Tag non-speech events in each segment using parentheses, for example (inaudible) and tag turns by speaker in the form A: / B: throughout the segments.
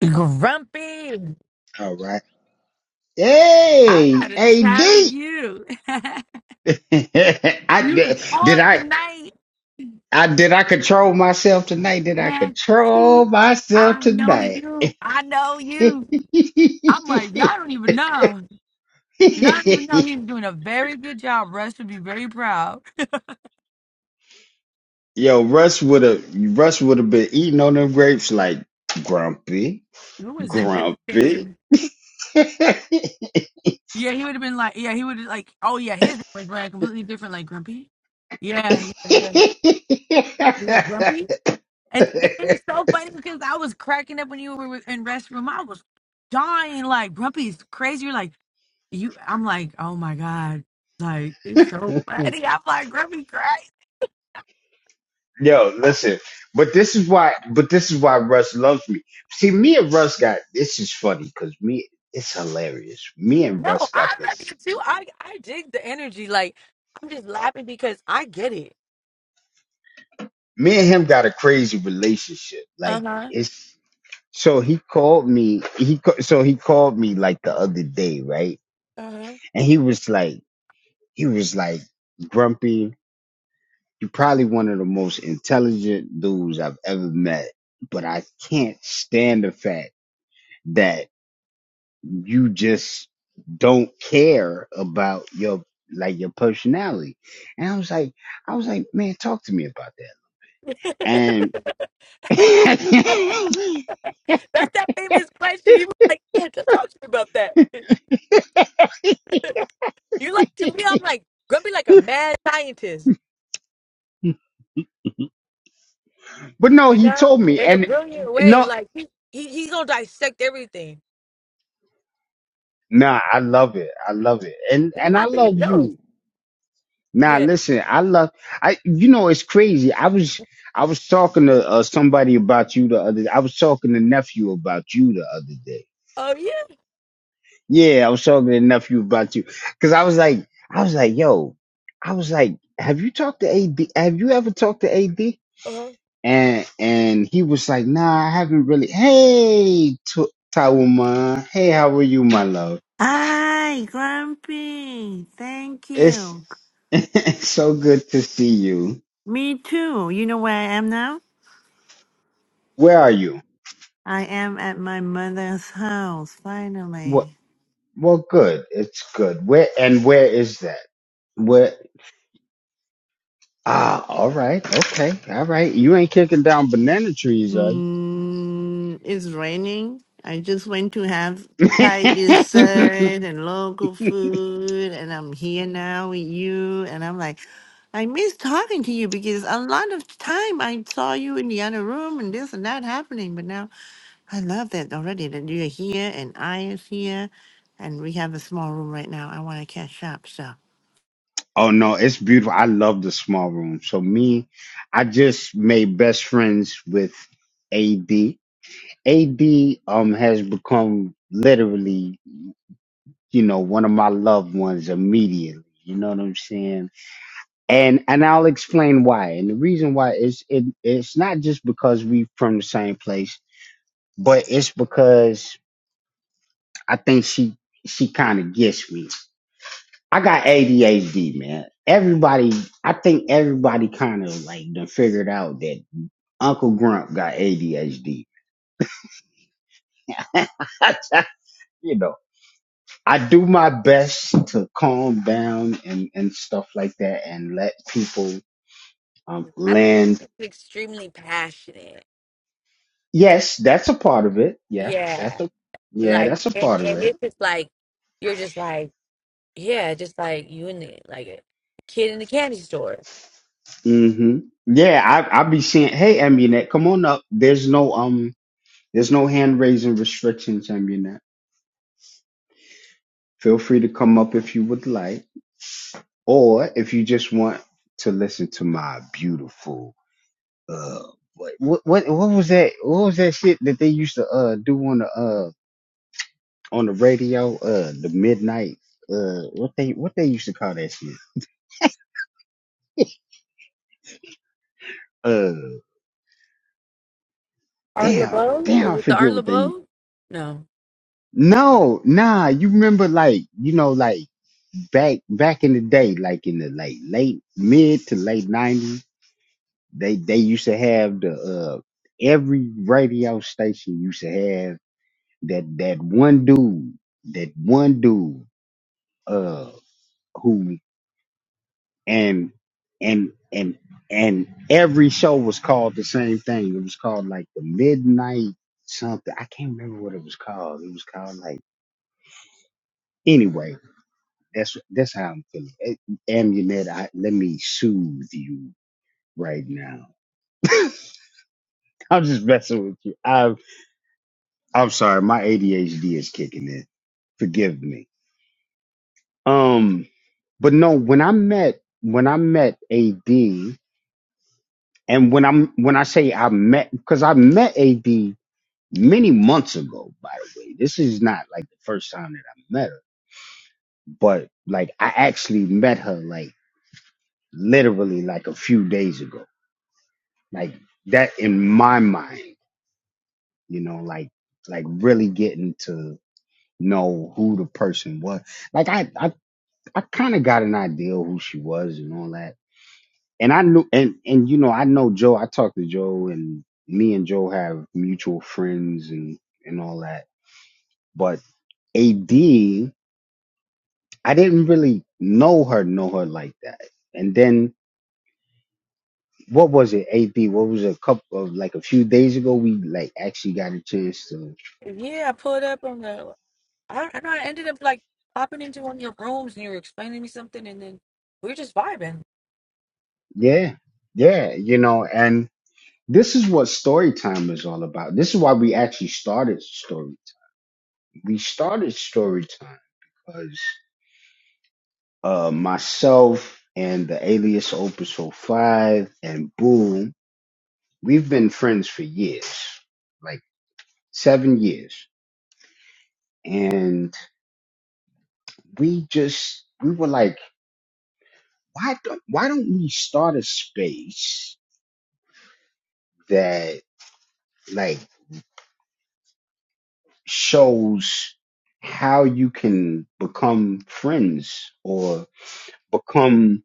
A: Grumpy,
B: All right.
A: I
B: Hey,
A: gotta
B: AD.
A: tell you, (laughs)
B: (laughs) I
A: you was
B: did, did
A: on
B: I
A: tonight,
B: I did I control myself tonight? Did I
A: man.
B: control
A: See,
B: myself
A: I know
B: tonight?
A: you. I know
B: (laughs)
A: you. I'm like, y'all don't even know. Y'all don't even know he's doing a very good job. Russ would be very proud.
B: Yo, Russ would have Russ would have been eating on them grapes like grumpy,
A: (laughs) Who was that that just came
B: grumpy.
A: in? Yeah, he would have been like, yeah, he would have like, oh yeah, his was ran completely different, like Grumpy. Yeah, yeah, yeah. You like Grumpy?
B: (laughs)
A: And it is so funny because I was cracking up when you were in restroom. I was dying, like Grumpy is crazy. You're like you. I'm like, oh my god, like it's so funny. I'm like Grumpy crazy.
B: Yo, listen, but this is why, but this is why Russ loves me. See, me and Russ got this is funny because me, it's hilarious. Me and
A: No,
B: Russ got
A: I love
B: this.
A: you too. I I dig the energy. Like I'm just laughing because I get it.
B: Me and him got a crazy relationship.
A: Uh
B: Like
A: huh.
B: it's so he called me. He ca- so he called me like the other day, right?
A: Uh huh.
B: And he was like, he was like grumpy. You're probably one of the most intelligent dudes I've ever met, but I can't stand the fact that you just don't care about your like your personality. And I was like, I was like, man, talk to me about that. And
A: (laughs)
B: (laughs)
A: That's that famous question. You were like, yeah, just talk to me about that. (laughs) You like to me. I'm like Grumpy, like a mad scientist.
B: but no,
A: you
B: he
A: know,
B: told me,
A: in a
B: and
A: brilliant way.
B: no,
A: Like he, He he gonna dissect everything.
B: nah, I love it, I love it, and and
A: Yeah,
B: I
A: I think it's
B: love
A: dope.
B: you. Now
A: Yeah.
B: listen, I love, I you know it's crazy. I was I was talking to uh, somebody about you the other. I was talking to nephew about you the other day
A: Oh yeah.
B: Yeah, I was talking to nephew about you because I was like, I was like, yo, I was like, have you talked to AD? Have you ever talked to AD?
A: Uh-huh.
B: And and he was like, nah, I haven't really. Hey, T- Tawuma, hey, how are you, my love?
C: Hi, Grumpy. Thank
B: It's
C: you.
B: (laughs) it's so good to see you.
C: Me too. You know where I am now?
B: Where are you?
C: I am at my mother's house,
B: What?
C: finally.
B: Well, good. It's good. Where and where is that? Where? Ah, all right, okay, all right. You ain't kicking down banana trees, are
C: Mm, it's raining. I just went to have Thai
B: you? (laughs)
C: dessert and local food, and I'm here now with you. And I'm like, I miss talking to you because a lot of time I saw you in the other room and this and that happening, but now I love that already that you're here and I is here and we have a small room right now. I want to catch up. So
B: Oh no, it's beautiful. I love the small room. So me, I just made best friends with AD. AD um has become literally, you know, one of my loved ones immediately. You know what I'm saying? And and I'll explain why. And the reason why is it it's not just because we from the same place, but it's because I think she she kind of gets me. I got ADHD, man. Everybody, I think everybody kind of like done figured out that Uncle Grump got ADHD. (laughs) you know, I do my best to calm down and, and stuff like that and let people um,
A: I think he's
B: land.
A: just extremely passionate.
B: Yes, that's a part of it. Yeah, that's
A: Yeah,
B: a yeah,
A: like
B: that's a part
A: and
B: of
A: and
B: it.
A: it's just Like you're just like yeah, just like you and the like a kid in the candy store.
B: hmm Yeah, I I be saying, hey, Amunet, come on up. There's no um, there's no hand raising restrictions, Amunet. Feel free to come up if you would like, or if you just want to listen to my beautiful uh what what what what was that what was that shit that they used to uh do on the uh on the radio uh the midnight uh what they what they used to call that shit uh
A: Art
B: damn
A: LeBeau.
B: damn
A: Is
B: I
A: it The
B: forget
A: Art
B: what they
A: LeBeau? No.
B: no nah you remember like you know like back back in the day like in the like late mid to late 90s They they used to have the uh every radio station used to have that that one dude, that one dude uh who and and and and every show was called the same thing. It was called like the midnight something. I can't remember what it was called. It was called like anyway. That's that's how I'm feeling. Eh, Amunet, I, let me soothe you right now. (laughs) I'm just messing with you. I've I'm sorry, my ADHD is kicking in. Forgive me. Um, but no, when I met when I met AD, and when I'm when I say I met because I met AD many months ago. By the way, this is not like the first time that I met her, but like I actually met her like literally like a few days ago. Like that in my mind, you know, like like really getting to know who the person was. Like I I I kind of got an idea who she was and all that. And I knew, and and you know, I know Joe. I talked to Joe, and me and Joe have mutual friends and and all that. But AD, I didn't really know her, know her like that. And then what was it? AD, what was it, a couple of like a few days ago? We like actually got a chance to,
A: Yeah, I pulled up on the. I, I know I ended up like popping into one of your rooms and you were explaining me something, and then we were just vibing.
B: yeah, yeah, you know. And this is what story time is all about. This is why we actually started storytime we started story time because uh, myself and the alias Opus oh 05 and Boom, we've been friends for years, like seven years. And we just, we were like, why don't, why don't we start a space that like shows how you can become friends or become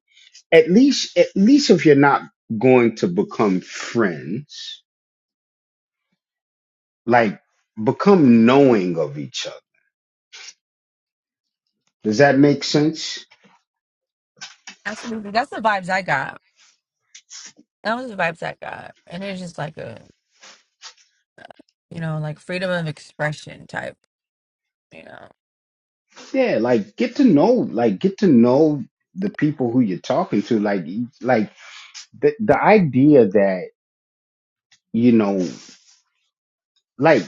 B: at least at least if you're not going to become friends, like become knowing of each other. Does that make sense?
A: absolutely? That's the vibes I got. that was the vibes I got. And it's just like a, you know, like freedom of expression type, you know.
B: Yeah, like get to know like get to know the people who you're talking to. Like e, like the the idea that, you know, like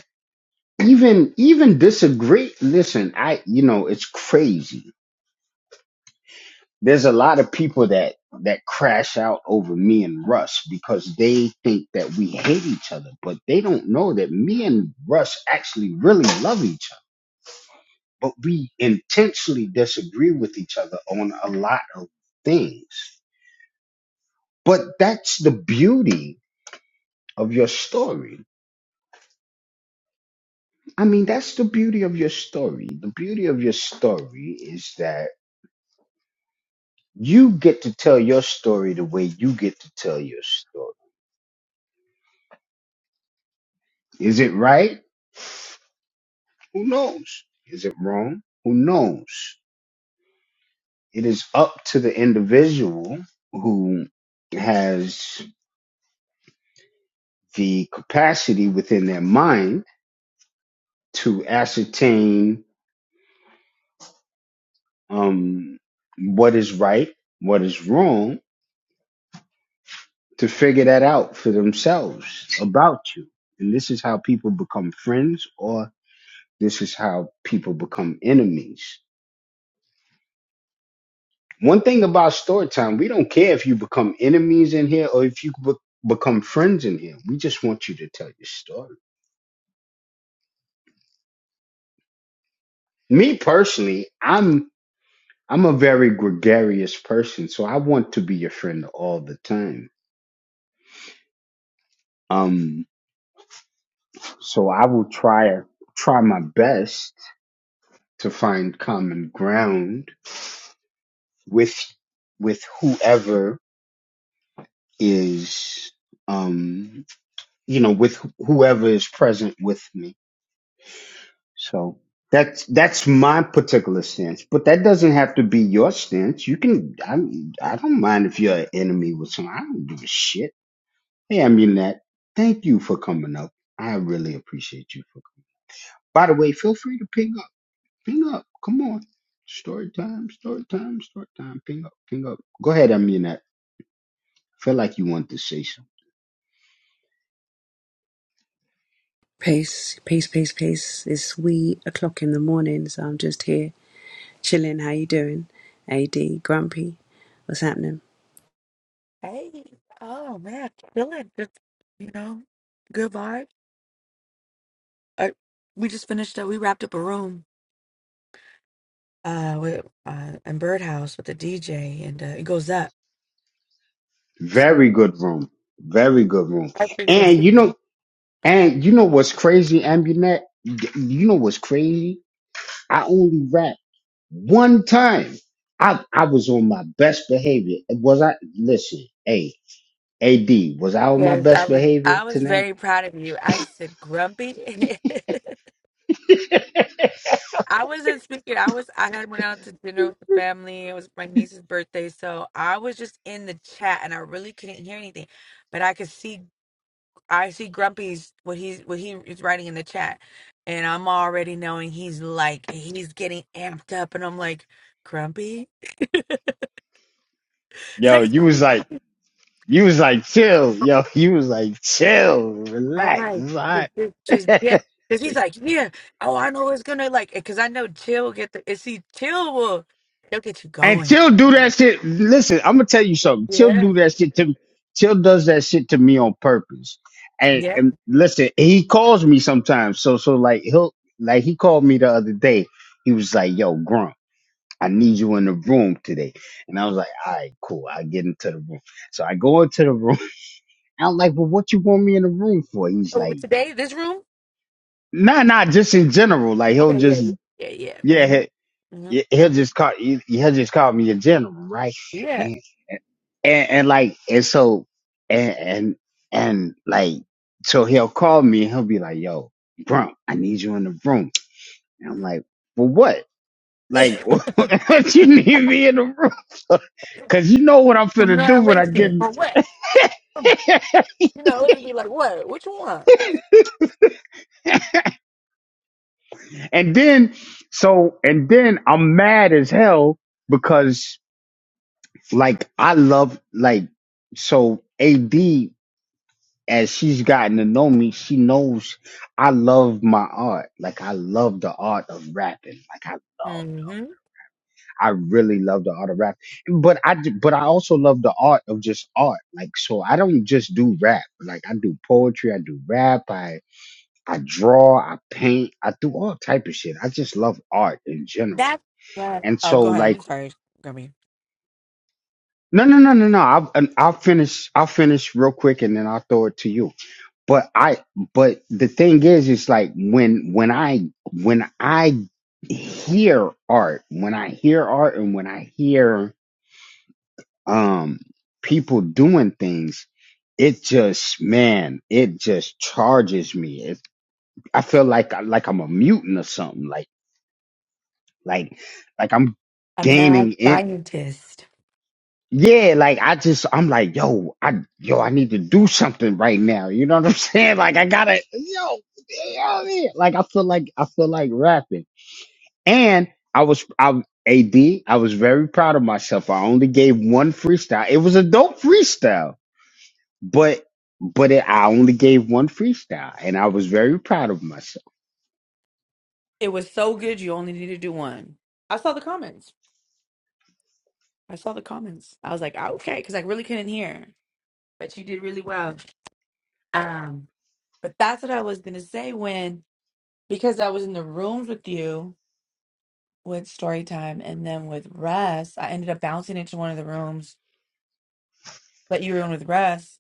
B: even even disagree listen, I you know, it's crazy there's a lot of people that that crash out over me and Russ because they think that we hate each other, but they don't know that me and Russ actually really love each other. But we intentionally disagree with each other on a lot of things. But that's the beauty of your story. I mean, that's the beauty of your story. The beauty of your story is that you get to tell your story the way you get to tell your story. Is it right? Who knows? Is it wrong? Who knows? It is up to the individual who has the capacity within their mind to ascertain um, what is right, what is wrong, to figure that out for themselves about you. And this is how people become friends, or this is how people become enemies. One thing about story time, we don't care if you become enemies in here or if you be- become friends in here. We just want you to tell your story. Me personally, I'm I'm a very gregarious person, so I want to be your friend all the time. Um, so I will try try my best to find common ground with with whoever is um you know with whoever is present with me So that's that's my particular stance, but that doesn't have to be your stance. You can I I don't mind if you're an enemy with someone. I don't give a shit. Hey, Amunet, thank you for coming up. I really appreciate you for. By the way, feel free to ping up, ping up. Come on, story time, story time, story time. Ping up, ping up. Go ahead, Amunet. Feel like you want to say something.
D: Pace, pace, pace, pace. It's wee o'clock in the morning, so I'm just here chilling. How you doing? AD, Grumpy, what's happening?
A: Hey, oh man, feeling like good, you know, good vibe. I, we just finished up. We wrapped up a room uh with uh in Birdhouse with the DJ, and uh, it goes up. So
B: Very good room, very good room.
A: our
B: And
A: frequency.
B: you know, and you know what's crazy, Amunet? You know what's crazy? I only rap one time. I I was on my best behavior. Was I listen, hey, A D, was I on my
A: Yes, I
B: best
A: was.
B: behavior
A: I was
B: tonight?
A: very proud of you. I said grumpy. (laughs)
B: (laughs)
A: I wasn't speaking. I was. I had went out to dinner with the family. It was my niece's birthday, so I was just in the chat, and I really couldn't hear anything, but I could see. I see Grumpy's what he's what he is writing in the chat, and I'm already knowing he's like he's getting amped up, and I'm like Grumpy. He's
B: Yo,
A: like, it's
B: you
A: gonna
B: was
A: be
B: like you was like chill, yo, you was like chill,
A: I'm
B: relax,
A: like,
B: it's all
A: just, just, just yeah.
B: right.
A: Cause he's like, yeah, oh, I know it's gonna like, cause I know Chill will get the, and see, Chill will, they'll get you
B: (laughs) and
A: going.
B: Chill do that shit. Listen, I'm gonna tell you something. Chill
A: Yeah,
B: do that shit to me. Chill does that shit to me on purpose. And
A: yeah.
B: and listen, he calls me sometimes. So so like he'll like he called me the other day. He was like, "Yo, Grunt." I need you in the room today. And I was like, all right, cool. I get into the room. So I go into the room. (laughs) I'm like, well, what you want me in the room for? He's
A: Oh,
B: like,
A: but today, this room.
B: nah, nah, just in general. Like he'll
A: Okay, yeah,
B: just,
A: Yeah, yeah. yeah.
B: yeah, he,
A: Mm-hmm. hmm yeah,
B: he- he'll just call, he- he'll just call me in general, right?
A: yeah.
B: And, and, and like, and so, and, and, and like, so he'll call me and he'll be like, yo, bro, I need you in the room. And I'm like, for what? Like, (laughs)
A: Yeah.
B: what you need me in the room? for? Cause you know what I'm finna do when I get.
A: Congratulations
B: in-
A: for what? You know, It'd be like, what? Which one?
B: (laughs) and then, so and then I'm mad as hell because like I love like so AD as she's gotten to know me, she knows I love my art. Like I love the art of rapping. Like I love.
A: Mm-hmm.
B: I really love the art of rap, but I d- but I also love the art of just art. Like so, I don't just do rap. Like I do poetry, I do rap, I I draw, I paint, I do all type of shit. I just love art in general.
A: that's what
B: And
A: Oh,
B: so,
A: go ahead.
B: like,
A: I'm sorry, Gummy.
B: no, no, no, no, no. I'll and I'll finish. I'll finish real quick, and then I'll throw it to you. But I but the thing is, it's like when when I when I hear art, when I hear art, and when I hear um people doing things it just man it just charges me it, i feel like like i'm a mutant or something like like like i'm
A: a mad
B: gaining in
A: scientist.
B: yeah like i just i'm like yo i yo i need to do something right now you know what i'm (laughs) saying like i gotta yo, yo yeah. like i feel like i feel like rapping and i was i ad i was very proud of myself i only gave one freestyle it was a dope freestyle But but it, I only gave one freestyle, and I was very proud of myself.
A: It was so good. You only need to do one. I saw the comments. I saw the comments. I was like, "Ah, okay, because I really couldn't hear, but you did really well. Um, but that's what I was gonna say when because I was in the rooms with you. with story time and then with Russ, I ended up bouncing into one of the rooms that you were in with Russ.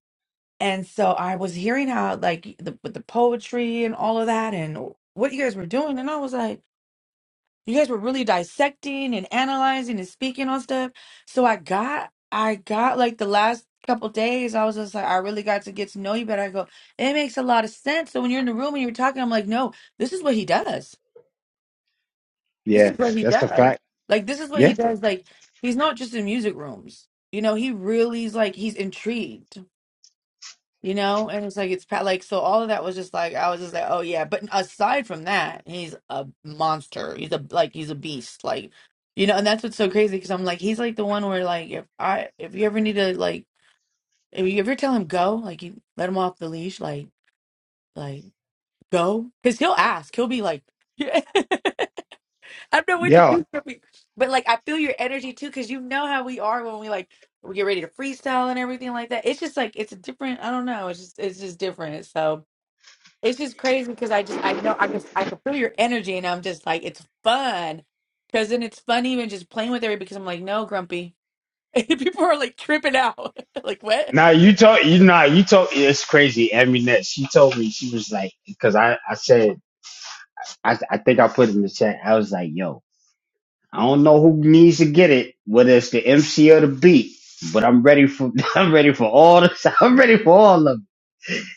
A: And so I was hearing how like the with the poetry and all of that and what you guys were doing. And I was like, you guys were really dissecting and analyzing and speaking on stuff. So I got I got like the last couple days, I was just like, I really got to get to know you better. I go, it makes a lot of sense. So when you're in the room and you're talking, I'm like, no, this is what he does. This
B: Yeah,
A: is what he
B: that's a
A: does.
B: fact.
A: Like this is what
B: Yeah,
A: he does. Like he's not just in music rooms. You know, he really is like he's intrigued. You know, and it's like it's pa- like so. All of that was just like I was just like, oh yeah. But aside from that, he's a monster. He's a like he's a beast. Like you know, and that's what's so crazy because I'm like he's like the one where like if I if you ever need to like if you ever tell him go like you let him off the leash like like go because he'll ask. He'll be like. (laughs) I know what to
B: yeah.
A: do for me. But like I feel your energy too, because you know how we are when we like we get ready to freestyle and everything like that. It's just like it's a different, I don't know. It's just it's just different. So it's just crazy because I just I know I could I could feel your energy and I'm just like it's fun. Cause then it's fun even just playing with everybody because I'm like, no, grumpy. (laughs) People are like tripping out. (laughs) like what?
B: Now you told you know you told it's crazy. Eminet, she told me she was like because I I said I I think I put it in the chat. I was like, yo, I don't know who needs to get it, whether it's the MC or the beat, but I'm ready for (laughs) I'm ready for all this. (laughs) I'm ready for all of it.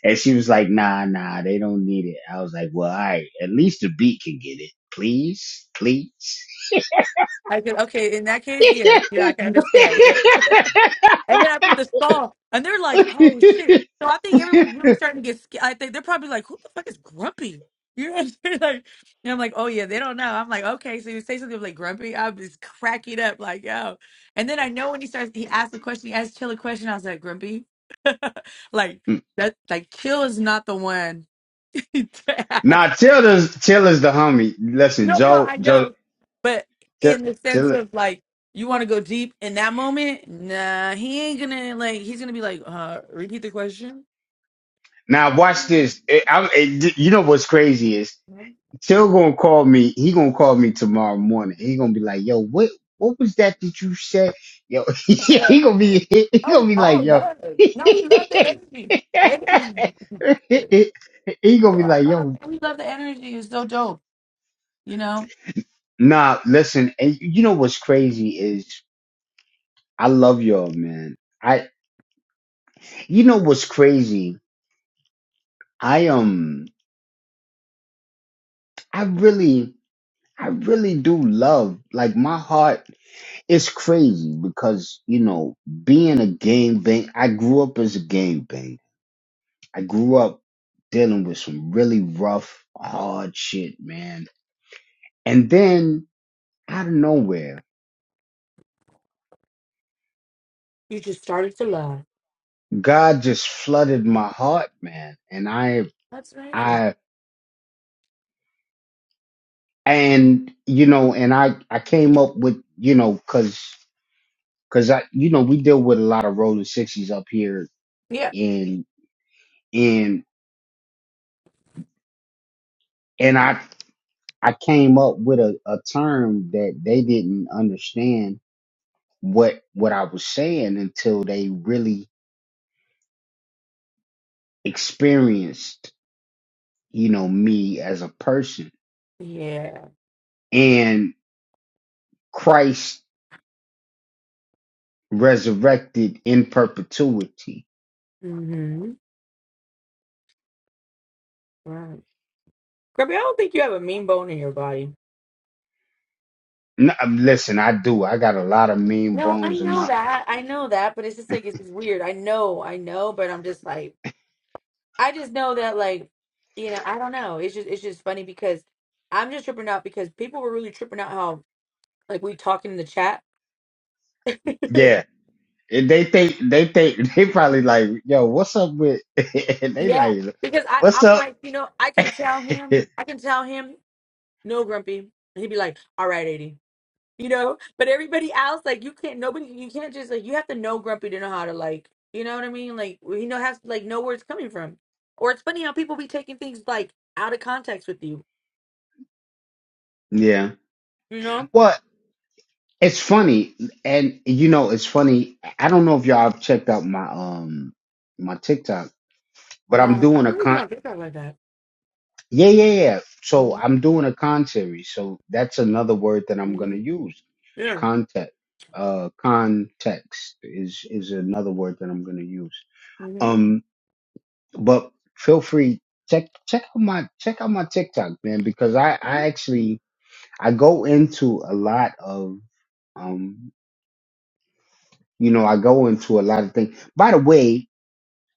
B: And she was like, nah, nah, they don't need it. I was like, well, all right, at least the beat can get it, please, please.
A: I said, okay, in that case, yes, you know, I can understand. Yeah. And then I put the stall, and they're like, "Oh shit!"
B: (laughs)
A: So I think everyone's really starting to get. Scared. I think they're probably like, "Who the fuck is Grumpy?" (laughs) You know what I'm saying? (laughs) Like, and I'm like, "Oh yeah, they don't know." I'm like, "Okay." So you say something like Grumpy, I'm just cracking up, like, "Yo!" And then I know when he starts, he asks the question, he asks Chill a question. I was like, "Grumpy," (laughs) like that, like Chill is not the one (laughs) to ask.
B: now tell us, tell us the homie. Listen,
A: No, no,
B: Joe,
A: I
B: Joe,
A: know. But
B: tell,
A: in the sense
B: tell us.
A: of like, you want to go deep in that moment? Nah, he ain't gonna like. He's gonna be like, uh, repeat the question.
B: Now watch
A: Ricky,
B: this. Eh, I'm, eh, you know what's crazy is
A: Mhm.
B: Till gonna call me. He gonna call me tomorrow
A: Alright.
B: morning. He gonna be like, "Yo, what, what was that that you said?" Yo, (laughs)
A: (laughs)
B: he gonna be, he
A: Oh,
B: gonna
A: it's
B: be like,
A: all
B: "Yo."
A: love.
B: (laughs) he
A: No, we love the energy. Energy. (laughs) We
B: gonna be
A: all
B: like,
A: love.
B: "Yo,
A: Man. We love the energy. It's so dope. You know.
B: nah." Listen, and you know what's crazy is I love y'all, man. I you know what's crazy? I um I really I really do love like my heart is crazy because you know being a gang bang I grew up as a gang bang. I grew up dealing with some really rough, hard shit, man. And then out of nowhere,
A: You just started to love.
B: God just flooded my heart, man. And I
A: That's amazing.
B: I and you know and I I came up with you know because. Cause I, you know, we deal with a lot of rolling sixties up here,
A: Yeah.
B: and and and I I came up with a, a term that they didn't understand what what I was saying until they really experienced, you know, me as a person
A: Yeah.
B: and Christ resurrected in perpetuity.
A: Mm-hmm. Right. Grubby, I don't think you have a mean bone in your body.
B: N- um, listen, I do. I got a lot of mean
A: No, I
B: bones in
A: know
B: my
A: that. I know that, but it's just like it's weird. I know, I know, but I'm just like I just know that like you know, I don't know. It's just it's just funny because I'm just tripping out because people were really tripping out how like we talking in the chat. (laughs)
B: yeah. And they think they think (laughs) they probably like, yo, what's up with? (laughs) and they
A: Yeah.
B: like,
A: Because I
B: what's
A: I'm
B: up?
A: like, you know, I can tell him,
B: (laughs)
A: I can tell him no grumpy. And he'd be like, "All right, AD." you know. But everybody else, like you can't. Nobody, you can't just like you have to know Grumpy to know how to like. You know what I mean? Like you know has like know where it's coming from. Or it's funny how people be taking things like out of context with you.
B: yeah.
A: You know?
B: Well, it's funny, and you know, it's funny. I don't know if y'all have checked out my um my TikTok, but I'm
A: No, I
B: doing
A: don't
B: a
A: really be
B: con.
A: on TikTok like that.
B: Yeah, yeah, yeah. So
A: hmm
B: I'm doing a con series. So that's another word that I'm
A: hmm
B: gonna use.
A: Yeah.
B: Context. Uh, context is is another word that I'm gonna use.
A: hmm
B: Um. But feel free check check out my check out my TikTok, man, because I
A: hmm
B: I actually I go into a lot of um you know I go into a lot of things. By the way,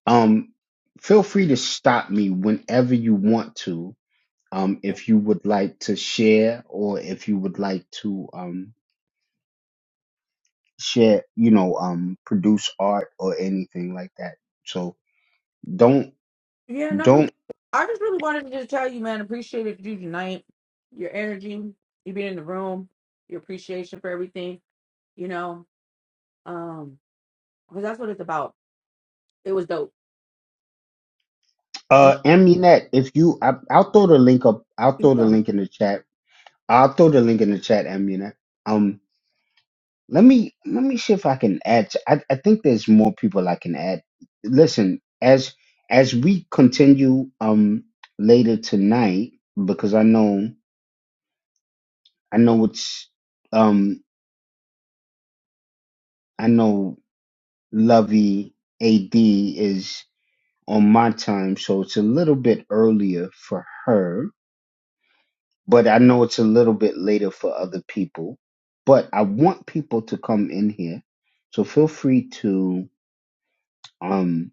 B: um feel free to stop me whenever you want to. Um, if you would like to share or if you would like to um share, you know, um produce art or anything like that. So don't
A: Yeah. Not gonna
B: don't
A: be. I just really wanted to just tell you, man. Appreciated you tonight. Your energy, you being in the room, your appreciation for everything. You know, um, because that's what it's about. It was dope.
B: Uh, Amunet, if you, I, I'll throw the link up. I'll throw the
A: Yeah.
B: link in the chat. I'll throw the link in the chat, Amunet. Um, let me let me see if I can add. to- I I think there's more people I can add. Listen, as as we continue um later tonight, because I know I know it's um I know Lovey AD is on my time, so it's a little bit earlier for her but I know it's a little bit later for other people. But I want people to come in here, so feel free to um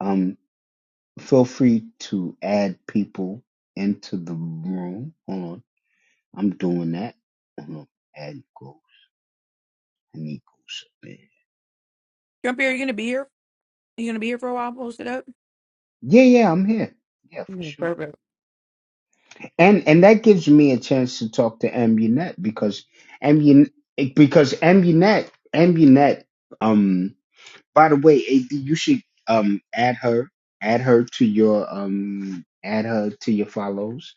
B: um feel free to add people into the room. Hold on, I'm doing that. Hold on, add goals and equals. Yeah,
A: Grumpy, are you gonna be here? Are you gonna be here for a while? Post it up.
B: yeah, I'm here. Yeah, for
A: Mm,
B: sure.
A: Perfect.
B: And and that gives me a chance to talk to Amunet because Amunet because Amunet um. By the way, AD, you should um add her, add her to your um, add her to your follows.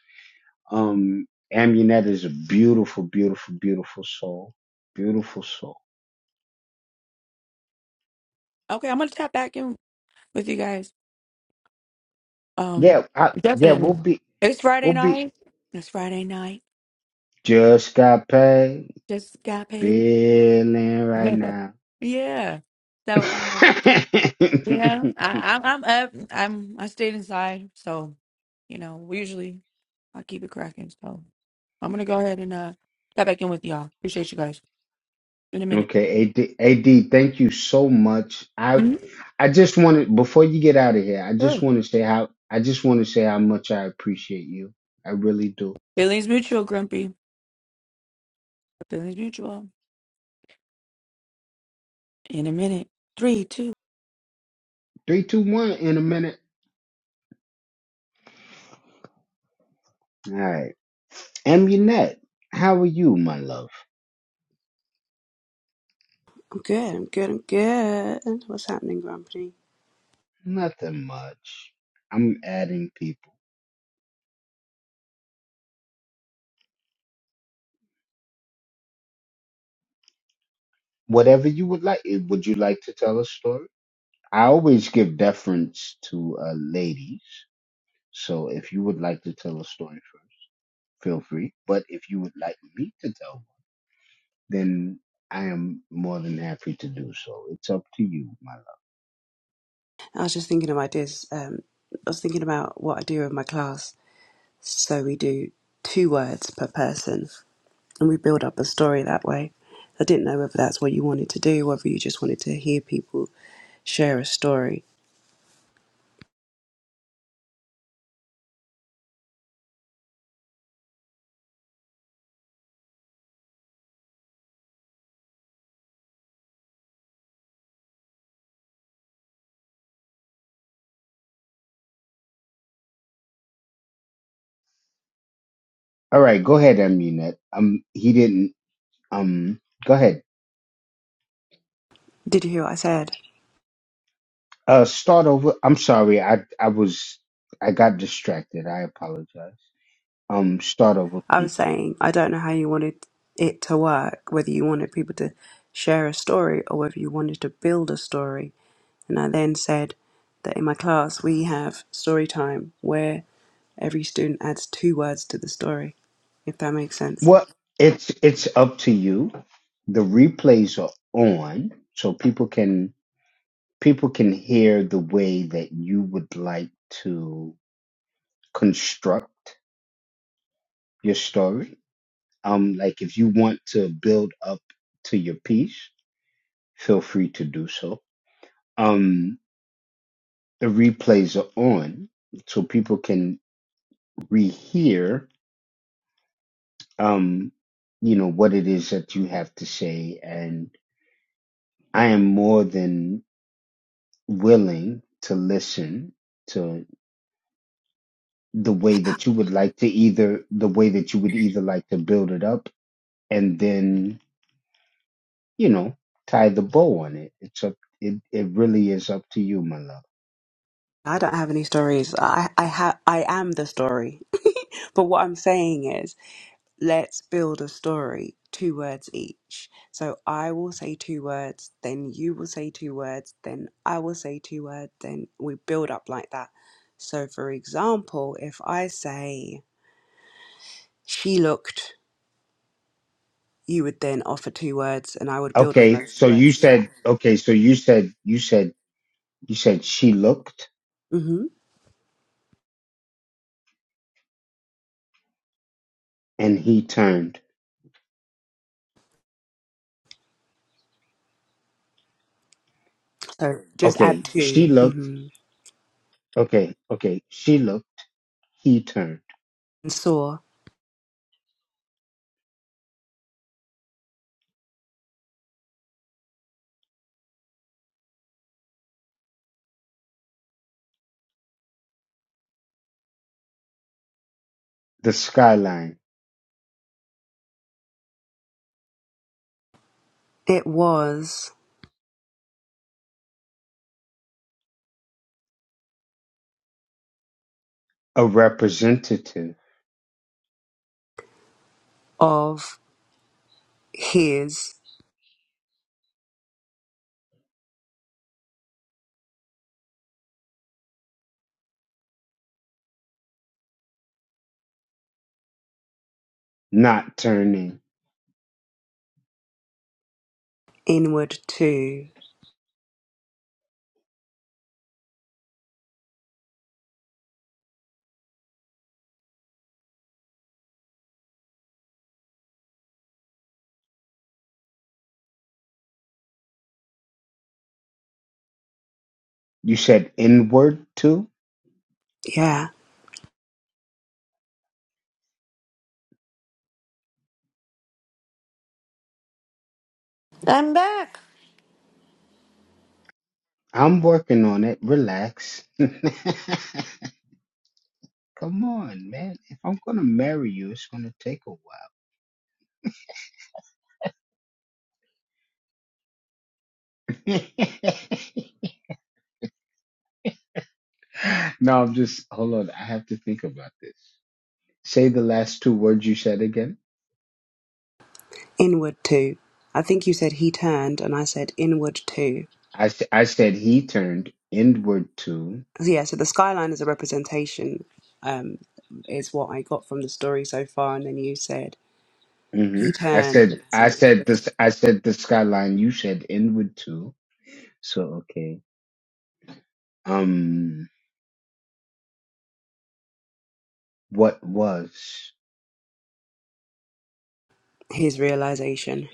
B: Um, Amunet is a beautiful, beautiful, beautiful soul, beautiful soul.
A: Okay, I'm gonna tap back in with you guys. Um,
B: Yeah, I, yeah, we'll
A: definitely.
B: be,
A: It's
B: we'll
A: Friday
B: be.
A: night. It's Friday night.
B: Just got paid,
A: Just got paid.
B: feeling
A: (laughs)
B: right now.
A: Yeah. So um, you
B: (laughs)
A: know, I, I'm I'm up. I'm I stayed inside, so you know, we usually I keep it cracking. So I'm gonna go ahead and uh tap back in with y'all. Appreciate you guys. In a minute.
B: Okay, AD, AD, thank you so much. I
A: hmm
B: I just wanted before you get out of here, I just
A: Sure.
B: want to say how I just want to say how much I appreciate you. I really do.
A: Feelings mutual, Grumpy. Feelings mutual. In a minute. Three, two,
B: Three, two, one in a minute. All right. Amunet, how are you, my love?
D: I'm good, I'm good, I'm good. What's happening, Grumpy?
B: Nothing much. I'm adding people. Whatever you would like. Eh, Would you like to tell a story? I always give deference to uh, ladies. So if you would like to tell a story first, feel free. But if you would like me to tell then I am more than happy to do so. It's up to you, my love.
D: I was just thinking of ideas. Um, I was thinking about what I do in my class. So we do two words per person and we build up a story that way. I didn't know whether that's what you wanted to do, whether you just wanted to hear people share a story.
B: All right, go ahead, Aminette. Um, he didn't. Um, go ahead.
D: Did you hear what I said?
B: Uh, start over. I'm sorry. I I was I got distracted. I apologize. Um, start over,
D: I was
B: please.
D: saying, I don't know how you wanted it to work, whether you wanted people to share a story or whether you wanted to build a story. And I then said that in my class we have story time where every student adds two words to the story, if that makes sense.
B: Well, it's it's up to you. The replays are on, so people can people can hear the way that you would like to construct your story. Um, like if you want to build up to your piece, feel free to do so. Um, the replays are on, so people can rehear, um, you know, what it is that you have to say. And I am more than willing to listen to the way that you would like to either the way that you would either like to build it up and then, you know, tie the bow on it. It's up it, it really is up to you, my love.
D: I don't have any stories. I I ha- I am the story. But what I'm saying is let's build a story, two words each. So I will say two words, then you will say two words, then I will say two words, then we build up like that. So, for example, if I say, she looked, you would then offer two words and I would build on
B: Okay,
D: those
B: so
D: two
B: you
D: words. Yeah.
B: said okay, so you said you said you said she looked
D: hmm
B: and he turned.
D: So just add
B: Okay, she
D: 2
B: looked.
D: Mm-hmm.
B: Okay, okay, she looked, he turned.
D: And saw,
B: The skyline,
D: it was
B: a representative
D: of his
B: not turning.
D: inward to.
B: You said inward too?
D: Yeah.
C: I'm back.
B: I'm working on it. Relax. (laughs) Come on, man. If I'm gonna marry you, it's gonna take a while. (laughs) no, I'm just hold on. I have to think about this. Say the last two words you said again.
D: Inward too. I think you said he turned, and I said inward too.
B: I, s- I said he turned inward to.
D: So yeah, so the skyline is a representation, um, is what I got from the story so far. And then you said
B: hmm
D: he
B: I
D: turned, and
B: said
D: I
B: I
D: said
B: said
D: inward too.
B: this. I said the skyline. You said inward to. So okay. Um, what was?
D: His realization.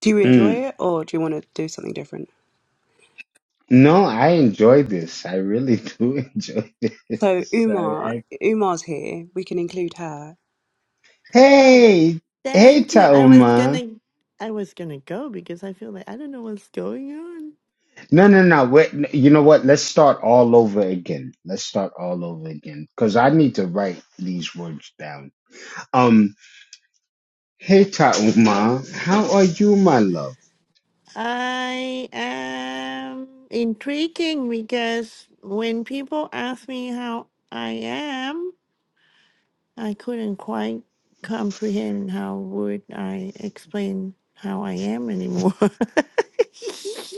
D: Do you enjoy
B: Mm.
D: it, or do you want to do something different?
B: No, I enjoy this. I really (laughs) do enjoy
D: So
B: this. I,
D: Umar,
B: I,
D: Umar's here. We can include her.
C: Oh,
B: hey, hey,
C: thank you. I was
B: Tauma.
C: gonna I was gonna go because I feel like I don't know what's going on.
B: No, no, no. Wait, n- you know what? Let's start all over again. Let's start all over again because I need to write these words down. Um, Hey Tauma, how are you, my love?
C: I am intriguing because when people ask me how I am, I couldn't quite comprehend how would I explain how I am anymore. (laughs)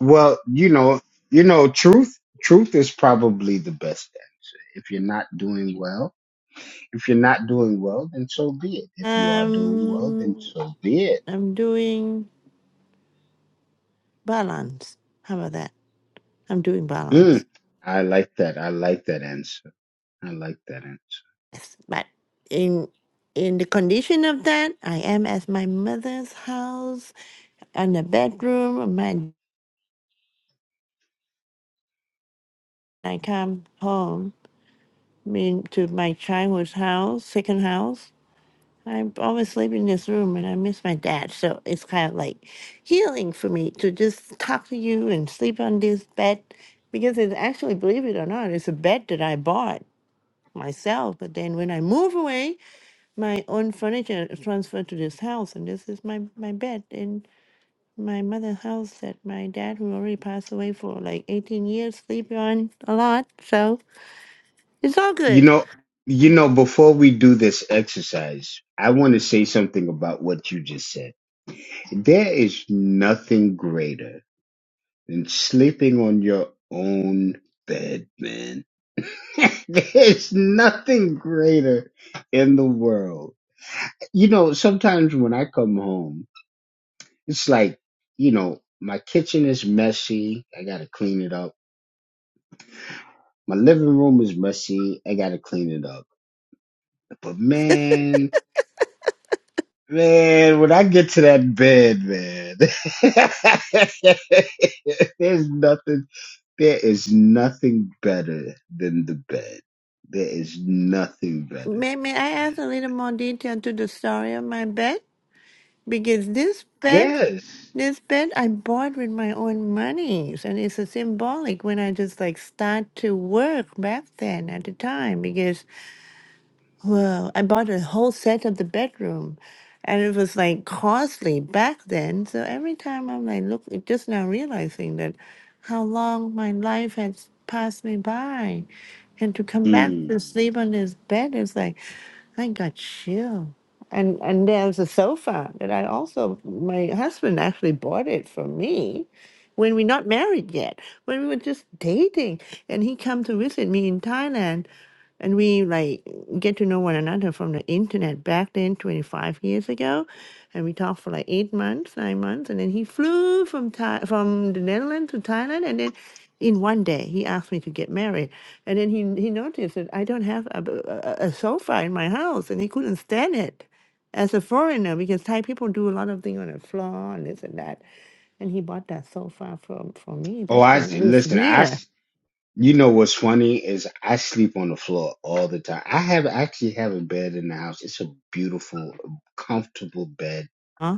B: Well, you know, you know, truth, truth is probably the best answer. If you're not doing well, if you're not doing well, then so be it. If you are doing well, then
C: Um,
B: so be it.
C: I'm doing balance. How about that? I'm doing
B: Mm,
C: balance.
B: I like that. I like that answer. I like that answer.
C: Yes. But in in the condition of that, I am at my mother's house and the bedroom. and My I come home mean to my childhood house, second house. I always sleep in this room and I miss my dad. So it's kind of like healing for me to just talk to you and sleep on this bed because it's actually, believe it or not, it's a bed that I bought myself. But then when I move away, my own furniture is transferred to this house, and this is my my bed in my mother's house that my dad, who already passed away for like 18 years, sleep on a lot. So it's all
B: You
C: good.
B: know, you know, before we do this exercise, I want to say something about what you just said. There is nothing greater than sleeping on your own bed, man. (laughs) There's nothing greater in the world. You know, sometimes when I come home, it's like, you know, my kitchen is messy. I got to clean it up. My living room is messy. I got to clean it up. But man, man, when I get to that bed, man, (laughs) there's nothing There is nothing better than the bed. There is nothing better.
C: May May I ask a little more detail to the story of my bed because this bed.
B: Yes.
C: This bed I bought with my own monies, and it's a symbolic when I just like start to work back then at the time because Well, I bought a whole set of the bedroom and it was like costly back then. So every time I'm like, look, it just now realizing that how long my life has passed me by. And to come back to
B: Mm.
C: sleep on this bed is like, I got chill. And and there's a sofa that I also my husband actually bought it for me when we're not married yet. When we were just dating. And he come to visit me in Thailand and we like get to know one another from the internet back then 25 years ago and we talked for like eight months nine months and then he flew from Thai- from the netherlands to thailand and then in one day he asked me to get married and then he, he noticed that i don't have a, a, a sofa in my house and he couldn't stand it as a foreigner because thai people do a lot of things on the floor and this and that and he bought that sofa from for me
B: Oh,
C: back
B: I
C: then it was
B: listen. I
C: here
B: s- you know what's funny is I sleep on the floor all the time. I have actually have a bed in the house. It's a beautiful, comfortable bed.
C: Huh?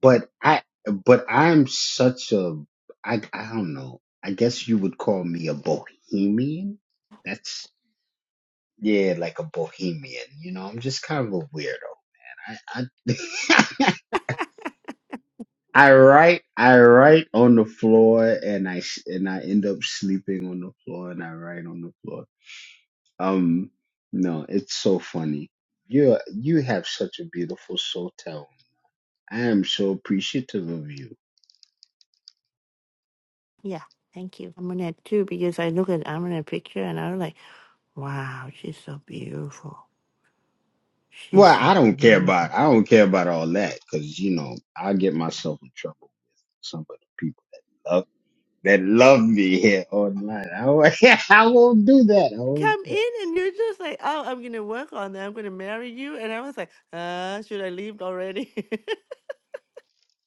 B: But I but I'm such a I I don't know. I guess you would call me a bohemian. That's yeah, like a bohemian. You know, I'm just kind of a weirdo. I, I, (laughs) I write I write on the floor and I s- and I end up sleeping on the floor and I write on the floor. Um, no, it's so funny. You you have such a beautiful soul talent. I am so appreciative of you.
C: Yeah, thank you. i too because I look at Amina picture and I was like, wow, she's so beautiful. She's
B: Well, I
C: so
B: don't care
C: beautiful.
B: about I don't care about all that because you know I get myself in trouble with some of the people that love that love me here (laughs) online. I won't, (laughs) I won't do that. I won't
C: Come
B: do that.
C: in and you're just like, oh, I'm gonna work on that. I'm gonna marry you. And I was like, uh, should I leave already? (laughs)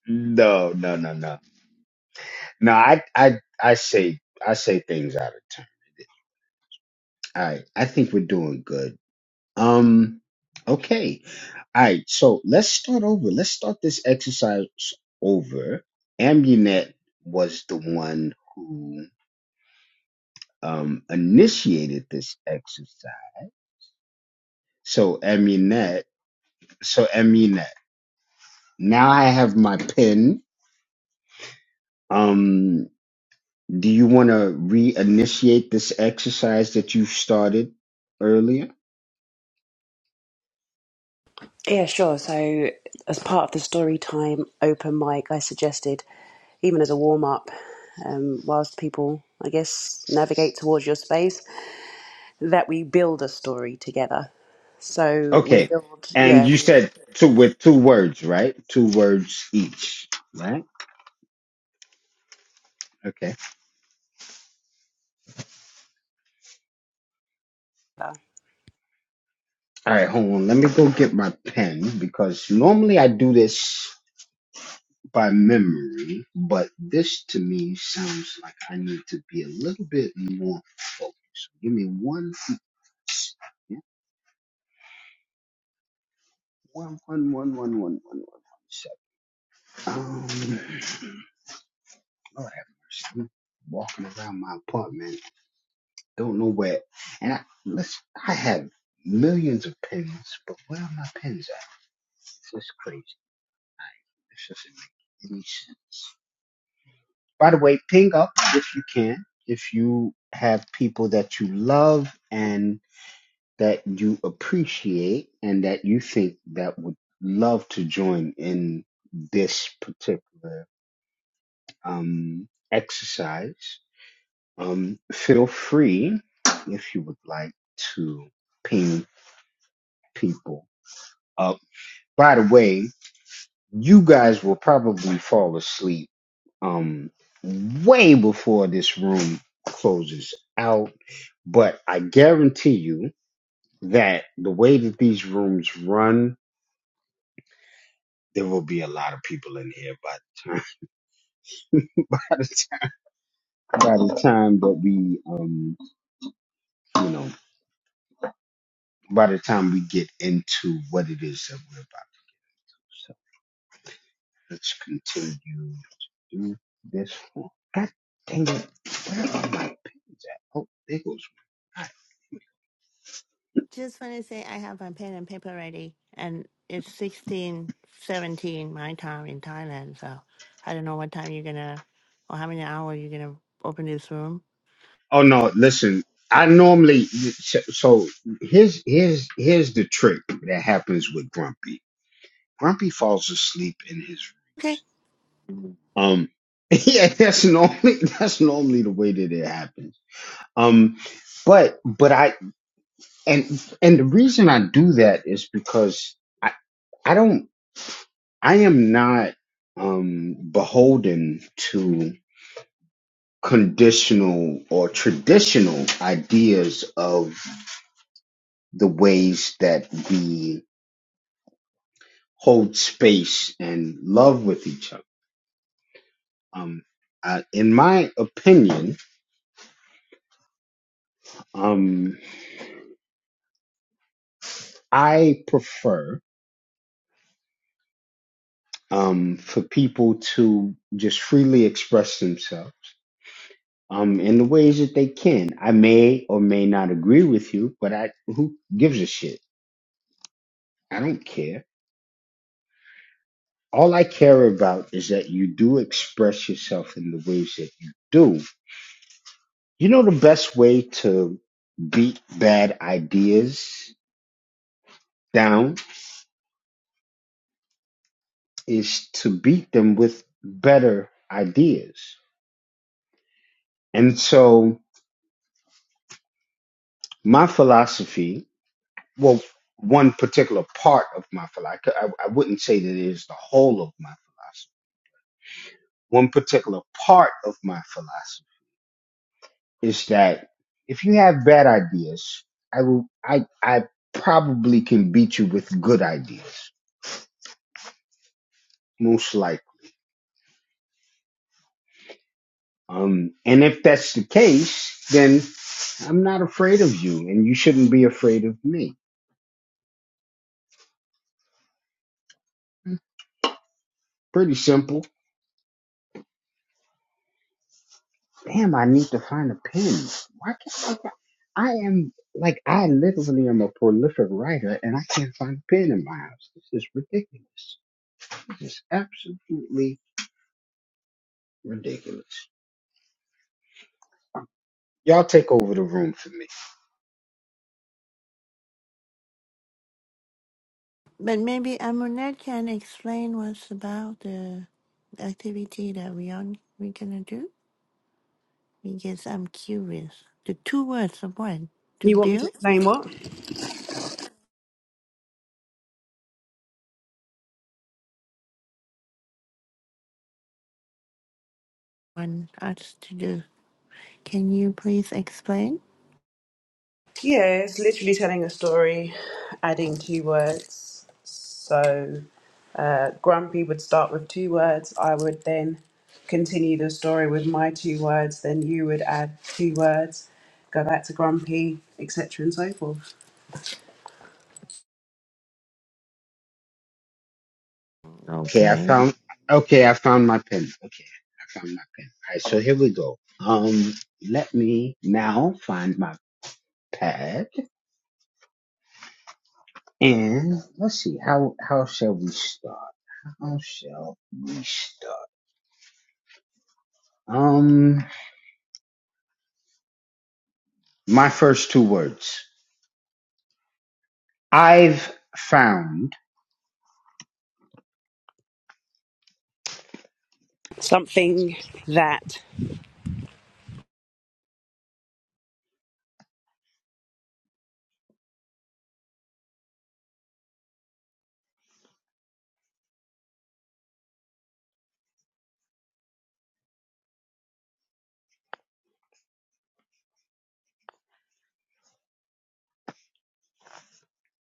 B: No, no, no, no. No, I I I say I say things out of turn. All right, I think we're doing good. Um, okay. All right, so let's start over. Let's start this exercise over. Ambunet was the one who um initiated this exercise. So Amunet, so Amunet. Now I have my pen. Um, do you want to reinitiate this exercise that you started earlier?
D: Yeah, sure. So, as part of the story time open mic, I suggested, even as a warm up, um, whilst people, I guess, navigate towards your space. that we build a story together. So we
B: Okay.
D: build,
B: And
D: yeah.
B: you
D: We,
B: said two with two words, right? Two words each, right? Okay. All right, hold on. Let me go get my pen because normally I do this by memory, but this to me sounds like I need to be a little bit more focused. Give me one each. Yeah, One, one, one, one, one, one, one, one, seven. Um, Lord have mercy. I'm walking around my apartment. Don't know where. And I listen, I have millions of pins, but where are my pins at? It's just crazy. This doesn't make any sense. By the way, ping up if you can. If you have people that you love and that you appreciate and that you think that would love to join in this particular um, exercise, um, feel free if you would like to ping people. up. By the way, you guys will probably fall asleep um way before this room closes out, but I guarantee you that the way that these rooms run, there will be a lot of people in here by the time (laughs) by the time, by the time that we um you know by the time we get into what it is that we're about. Let's continue to do this one. God dang it. Where are my pins at? Oh, there goes one.
C: just want to say I have my pen and paper ready, and it's 16, 17 my time in Thailand. So I don't know what time you're gonna or how many hours you're gonna open this room.
B: Oh, no. Listen, I normally, so so here's, here's, here's the trick that happens with Grumpy. Grumpy falls asleep in his
C: Okay.
B: rooms. um, (laughs) yeah, that's normally that's normally the way that it happens. Um, but but I and and the reason I do that is because I I don't. I am not um, beholden to conditional or traditional ideas of the ways that we hold space and love with each other. Um, uh, in my opinion, um, I prefer um, for people to just freely express themselves um, in the ways that they can. I may or may not agree with you, but I who gives a shit? I don't care all I care about is that you do express yourself in the ways that you do. You know, the best way to beat bad ideas down is to beat them with better ideas. And so, my philosophy, well, one particular part of my philosophy, I, I wouldn't say that it is the whole of my philosophy, one particular part of my philosophy is that if you have bad ideas, I will I I probably can beat you with good ideas, most likely. Um, and if that's the case, then I'm not afraid of you, and you shouldn't be afraid of me. Pretty simple. Damn, I need to find a pen. Why can't I? fi- I am like I literally am a prolific writer, and I can't find a pen in my house. This is ridiculous. This is absolutely ridiculous. Y'all take over the room for me.
C: But maybe Amunet can explain what's about the activity that we are we gonna do. Because I'm curious. The two words of one to
D: you want me to
C: build,
D: explain what?
C: one us to do. Can you please explain?
D: Yeah, it's literally telling a story, adding two words. So uh, Grumpy would start with two words. I would then continue the story with my two words. Then you would add two words, go back to Grumpy, etc., and so forth.
B: Okay, I
C: Okay.
B: found. Okay, I found my pen. Okay, I found my pen. All right, so here we go. Um, let me now find my pad and let's see how how shall we start? How shall we start? Um, my first two words. I've found.
D: Something that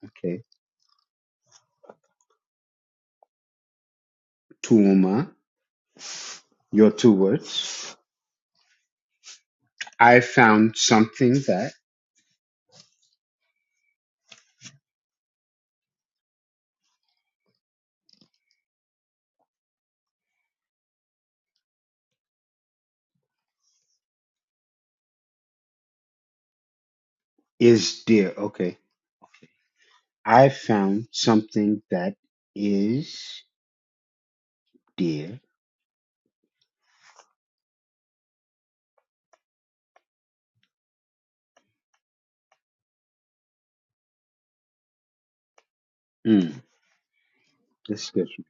B: Okay, Tuuma. Your two words. I found something that is dear. Okay, I found something that is dear. Mm. This gives me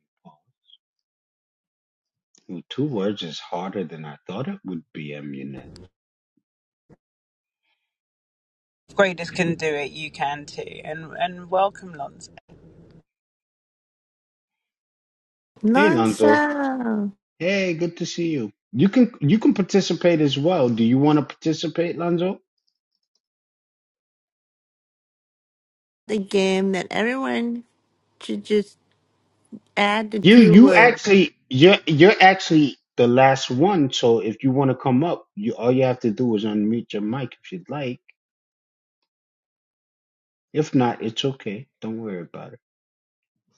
B: pause. Two words is harder than I thought it would be, Amunet.
D: graders can do it, you can too, and and welcome Lons.
B: Hey, Lonzo.
C: Nonsense.
B: Hey, good to see you. You can you can participate as well. Do you want to participate, Lonzo?
C: The game that everyone should just add the
B: You
C: two
B: you
C: words.
B: actually you're you're actually the last one. So if you want to come up, you all you have to do is unmute your mic if you'd like. If not, it's okay. Don't worry about it.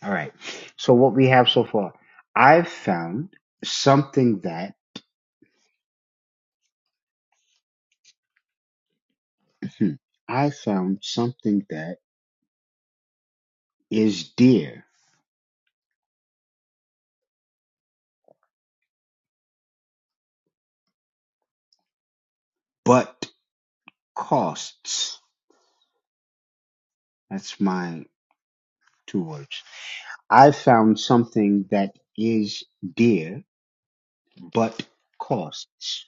B: All right. So what we have so far, I've found something that (clears throat) I found something that is dear but costs. That's my two words. I found something that is dear, but costs.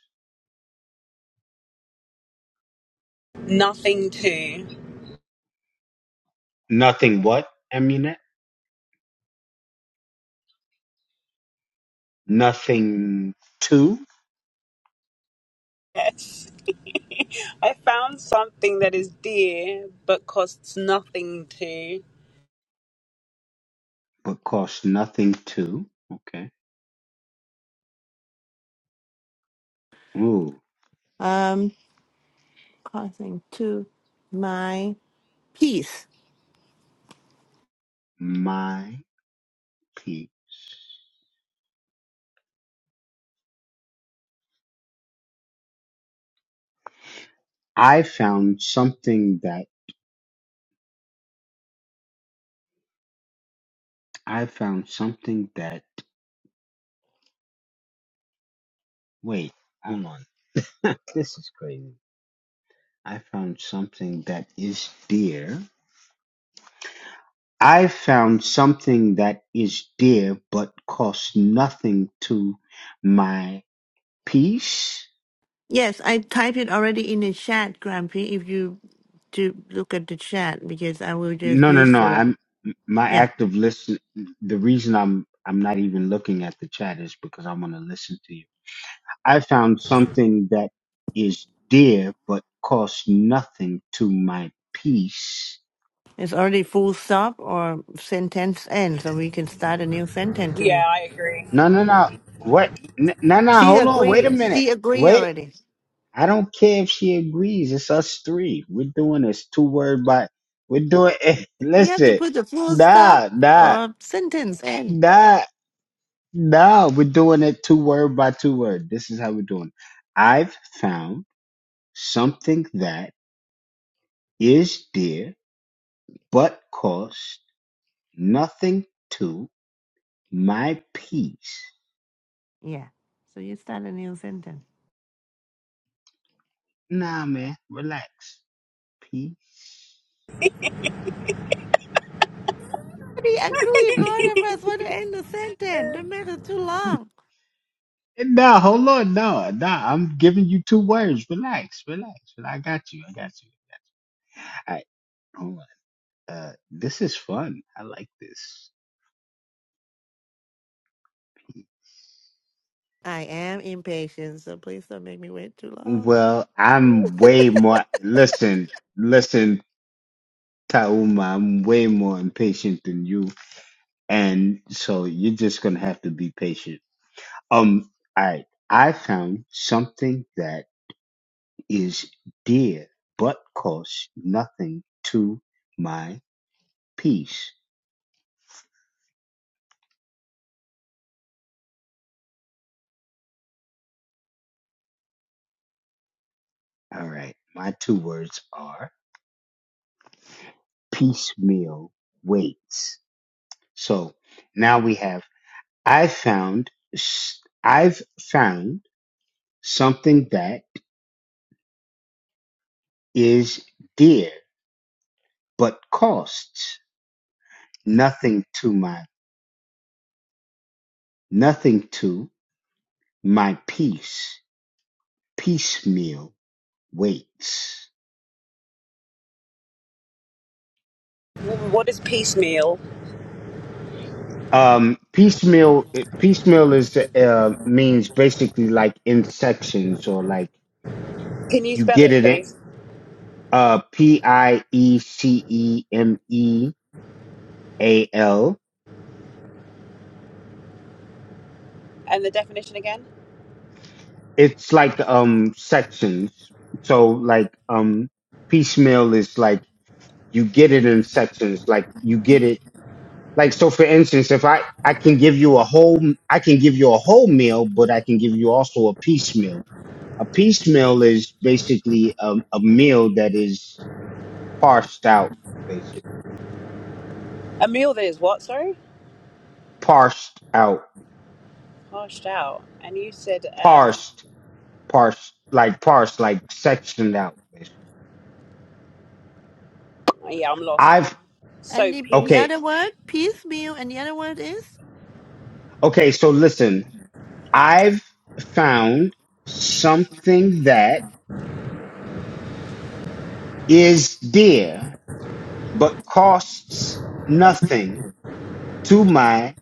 D: Nothing too.
B: Nothing what, Aminet? Nothing to,
D: Yes. (laughs) I found something that is dear but costs nothing to.
B: but costs nothing to. Okay. Ooh,
C: Um, causing to my peace.
B: my P. I found something that, I found something that, wait, hold on. (laughs) this is crazy. I found something that is dear, I found something that is dear but costs nothing to my peace.
C: Yes, I typed it already in the chat, Grumpy. If you to look at the chat, because I will just
B: No, no,
C: use
B: no.
C: the
B: I'm my
C: yeah.
B: active listen. The reason I'm I'm not even looking at the chat is because I want to listen to you. I found something that is dear but costs nothing to my peace.
C: It's already full stop or sentence end, so we can start a new sentence to
D: Yeah,
C: me.
D: I agree.
B: No, no, no. What? N- No, no.
C: She
B: Hold on. Wait a
C: agree.
B: minute.
C: She agree
B: Wait.
C: already.
B: I don't care if she agrees. It's us three. We're doing this two word by. We're doing. (laughs) it.
C: We have to
B: listen,
C: put the full stop
B: nah, nah,
C: or sentence end.
B: nah, nah. We're doing it two word by two word. This is how we're doing. it. I've found something that is dear, but costs nothing to my peace.
C: Yeah. So you start a new sentence.
B: Nah, man, relax. Peace.
C: We agree. Both of us want to end the sentence. Don't make it too long.
B: Nah, hold on. No, nah, I'm giving you two words. Relax, relax. I got you. I got you. All right, hold on. Uh, this is fun. I like this.
C: I am impatient, so please don't make me wait too long.
B: Well, I'm way more. Listen, listen, Tauma. I'm way more impatient than you, and so you're just gonna have to be patient. Um, all right. I found something that is dear, but costs nothing to my peace. All right. My two words are piecemeal weights. So now we have I found i I've found something that is dear but costs nothing to my nothing to my peace. Piecemeal weights.
D: W- What is piecemeal?
B: Um, piecemeal piecemeal is uh, means basically like in sections or like
D: Can you
B: you
D: spell
B: get
D: it,
B: it. in.
D: please?
B: uh P I E C E M E A L.
D: And the definition again?
B: It's like um sections. So like um piecemeal is like you get it in sections. Like you get it like so for instance if I I can give you a whole I can give you a whole meal but I can give you also a piecemeal. A piecemeal is basically a, a meal that is parsed out basically.
D: A meal that is what, sorry?
B: Parsed out.
D: Harshed out. And you said, um,
B: Parsed. parse like parse like sectioned out basically
D: yeah, I'm lost.
B: i've
D: So
C: And the the
D: peace
B: okay
C: other word, piecemeal, and the other word is?
B: okay so listen i've found something that is dear but costs nothing to my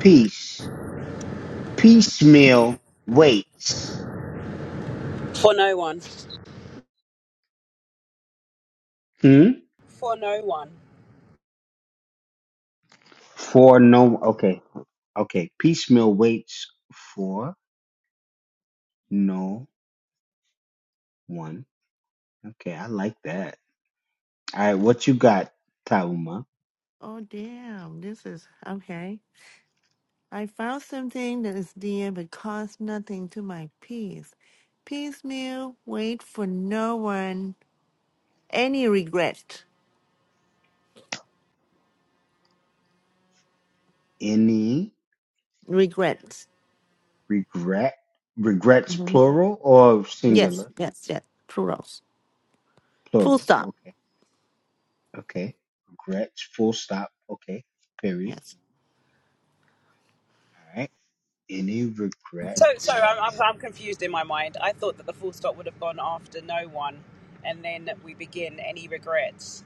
B: peace piecemeal waits
D: for no one.
B: hmm?
D: For no one.
B: for no okay okay piecemeal waits for no one okay i like that all right what you got tauma
C: Oh, damn. This is okay. I found something that is dear but costs nothing to my peace. Piecemeal, wait for no one. Any regret.
B: any
C: Regrets.
B: regret regrets
C: hmm
B: plural or
C: Yes,
B: singular
C: yes, yes. Plurals. Full
B: plural
C: stop.
B: okay okay regrets full stop okay period
C: Yes.
B: all right any
D: So, so
B: regrets
D: I'm, I'm, I'm confused in my mind. I thought that the full stop would have gone after no one, and then we begin any regrets.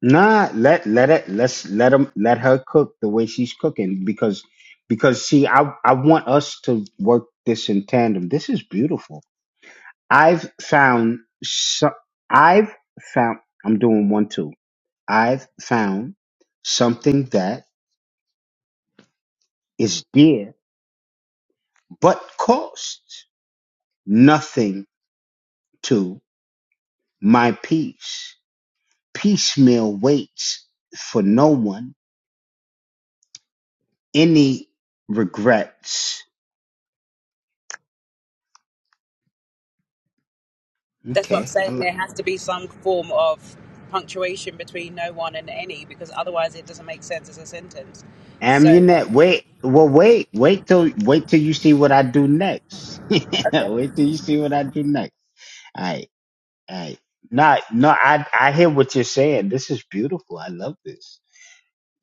B: nah let let it let's let him let her cook the way she's cooking because because see i i want us to work this in tandem this is beautiful i've found so i've found i'm doing one two i've found something that is dear but costs nothing to my peace. Piecemeal waits for no one. Any regrets?
D: That's what I'm
B: Okay, I
D: saying.
B: like
D: There has to be some form of punctuation between no one and any, because otherwise it doesn't make sense as a sentence. So
B: Amunet. Wait, well, wait, wait till wait till you see what I do next. (laughs) wait
D: okay.
B: till you see what I do next. All right, all right. No, no, I I hear what you're saying. This is beautiful. I love this.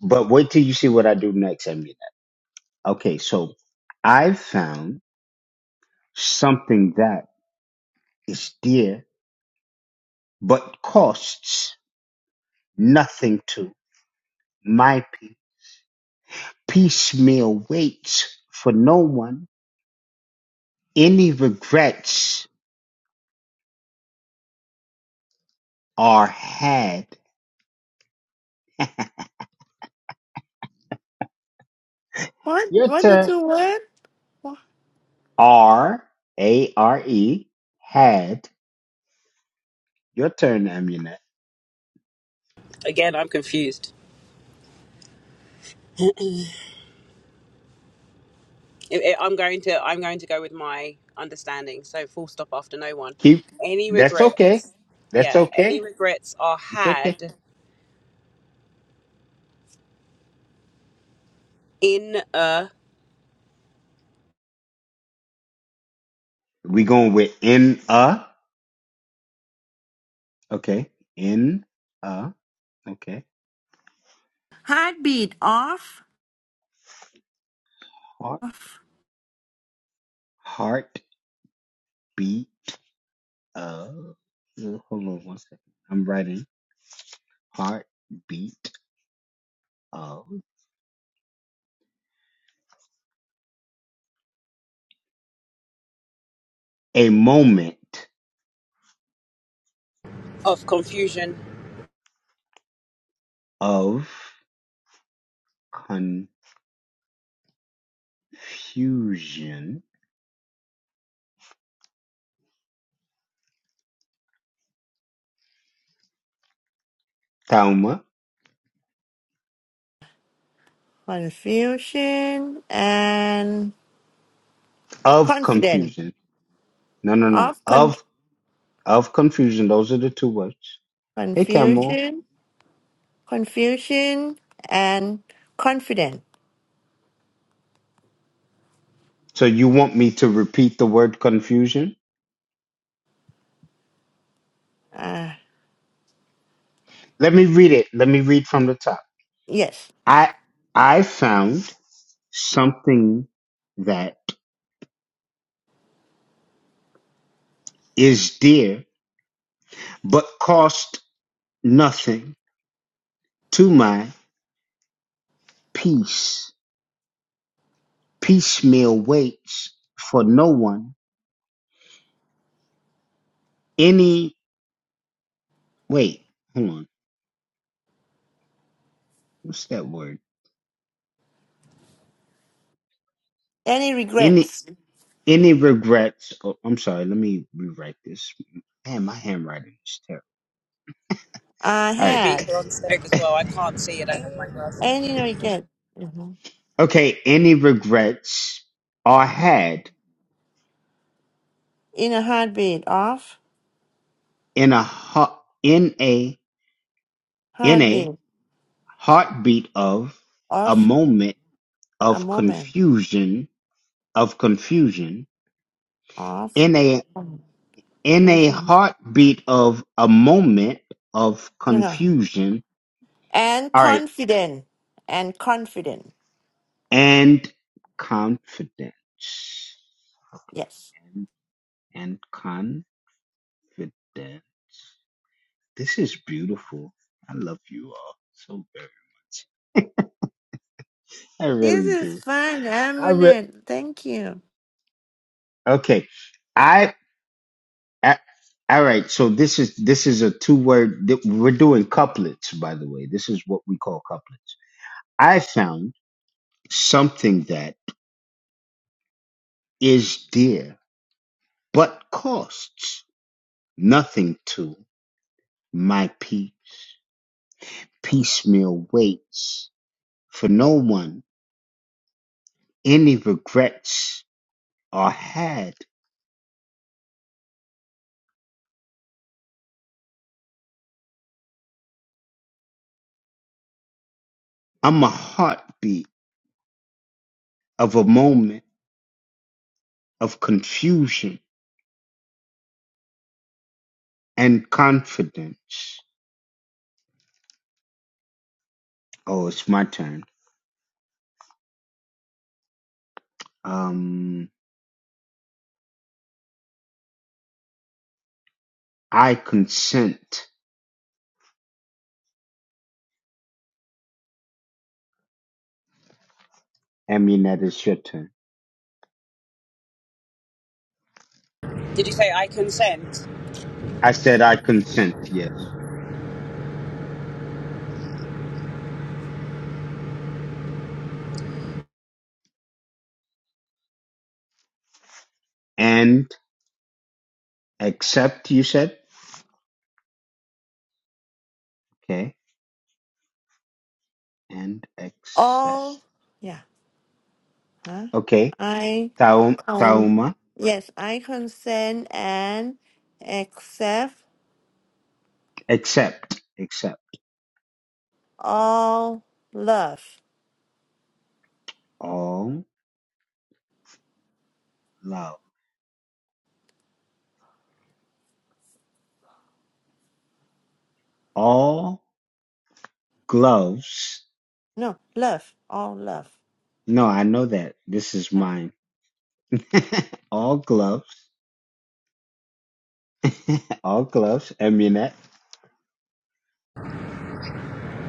B: But wait till you see what I do next, Amunet. Okay, so I found something that is dear, but costs nothing to my people. Piecemeal waits for no one. Any regrets are had.
C: What?
B: Your
C: What the
B: turn.
C: two word? Wha-
B: R A R E had. Your turn, Amunet.
D: again, I'm confused. I- I- I'm going to I'm going to go with my understanding. So full stop after no one.
B: Keep.
D: Any
B: That's okay.
D: regrets?
B: That's
D: Yeah. Any
B: okay.
D: regrets are
B: It's okay.
D: had in a
B: We going with in a. Okay. In a. Okay.
C: Heartbeat off.
B: Heart.
C: Off.
B: Heart. beat. Uh, hold on one second. I'm writing heartbeat of a moment
D: of confusion.
B: of confusion. Thelma
C: Confusion and
B: of
C: confident.
B: confusion. No, no, no.
C: Off.
B: Of of confusion. Those are the two words. Hey, Camel.
C: confusion, confusion, and confident.
B: So you want me to repeat the word confusion?
C: Uh,
B: Let me read it. Let me read from the top.
C: yes.
B: I I found something that is dear but cost nothing To my peace, piecemeal waits for no one. Any wait, hold on. What's that word?
C: Any
B: Any
C: regrets
B: any regrets? Oh, I'm sorry. Let me rewrite this. Man, my handwriting is terrible.
C: I
B: All
D: You
B: right.
D: speak
C: had?
D: on stage as well. I can't see it. I have my glasses.
C: Any regret? Mhm.
B: Okay. Any regrets are had
C: In a heartbeat, off,
B: in a heart in a in a
C: heartbeat,
B: heartbeat of a
C: off,
B: moment
C: a
B: of
C: moment,
B: confusion of confusion
C: off,
B: in a. in a
C: fusion.
B: heartbeat of a moment of
C: Yeah.
B: confusion.
C: And
B: All right.
C: confident, and confident.
B: And confidence. Okay.
C: Yes.
B: And, and confidence. This is beautiful. I love you all so very much. I
C: This
B: really
C: is
B: do.
C: fun,
B: I re-
C: Amunet. Thank you.
B: okay. I, I all right. So this is this is a two word. We're doing couplets, by the way. This is what we call couplets. I found something that is dear, but costs nothing to my peace. Piecemeal waits for no one. Any regrets are had. I'm a heartbeat of a moment of confusion and confidence. Oh, it's my turn. Um, I consent. I mean, that is your turn.
D: Did you say I consent?
B: I said I consent, yes. And accept, you said? Okay. And accept.
C: All, yeah. Huh?
B: Okay.
C: I.
B: Taum,
C: Um,
B: Tauma,
C: yes, I consent and accept
B: except, except
C: all love.
B: all love, all gloves.
C: No, love, all love.
B: No, I know that. This is
C: Uh,
B: mine. (laughs) all gloves, (laughs) all gloves, Amunet.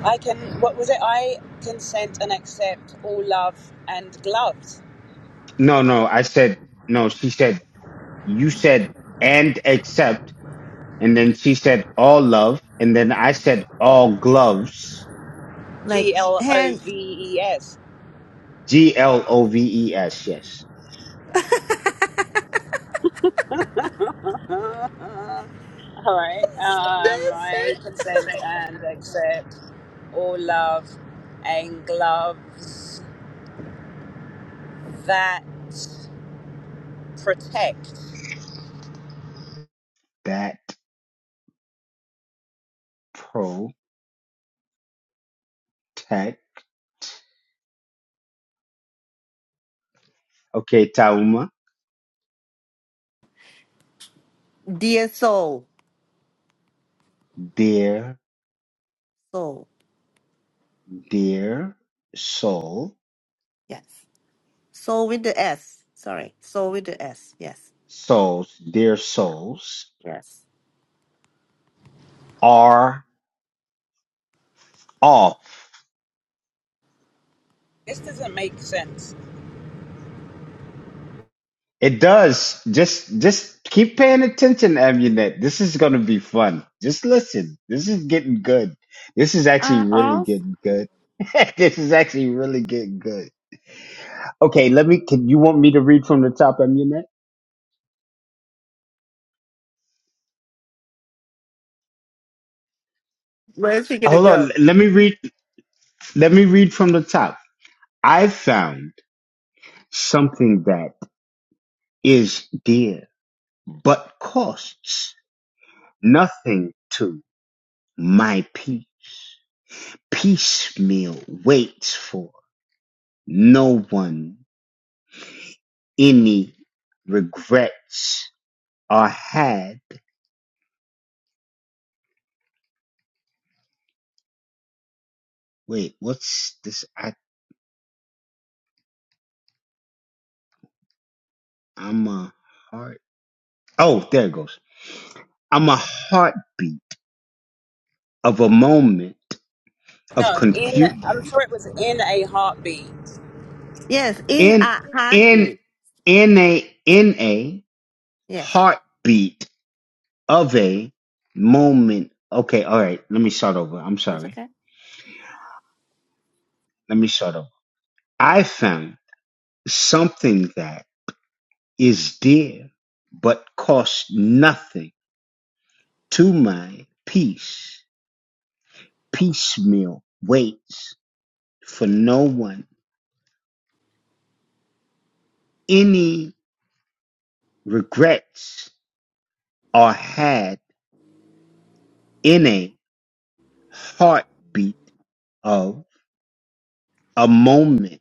D: I can, what was it? I consent and accept all love and gloves.
B: No, no, I said, no, she said, you said, and except, and then she said, all love, and then I said, all gloves,
C: Like
D: G L O
C: hand,
D: V E S.
B: G L O V E S, yes.
D: (laughs) All right. Um, I consent and accept all love and gloves that protect.
B: That protect. Okay, Tauma,
C: dear soul,
B: dear
C: soul.
B: Their soul,
C: Yes, soul with the S. Sorry, soul with the S. Yes,
B: souls, their souls
C: yes.
B: are off.
D: This doesn't make sense.
B: It does. Just, just keep paying attention, Amunet. This is going to be fun. Just listen. This is getting good. This is actually
C: Uh,
B: really
C: off.
B: getting good. (laughs) this is actually really getting good. Okay, let me. Can you want me to read from the top, Amunet?
C: Where's he gonna
B: Hold
C: go?
B: on. Let me read. Let me read from the top. I found something that is dear but costs. nothing to my peace. Piecemeal waits for no one any regrets are had. Wait, what's this? I, I'm a heart. Oh, there it goes. I'm a heartbeat of a moment of
D: No, in
B: confusion.
D: I'm sure it was in a heartbeat.
C: Yes, in
B: In,
C: a
B: in,
C: heartbeat.
B: in a, in a
C: Yes,
B: heartbeat of a moment. Okay, all right. Let me start over. I'm
C: it's
B: sorry.
C: okay.
B: Let me start over. I found something that is dear but costs nothing to my peace. Piecemeal waits for no one. Any regrets are had in a heartbeat of a moment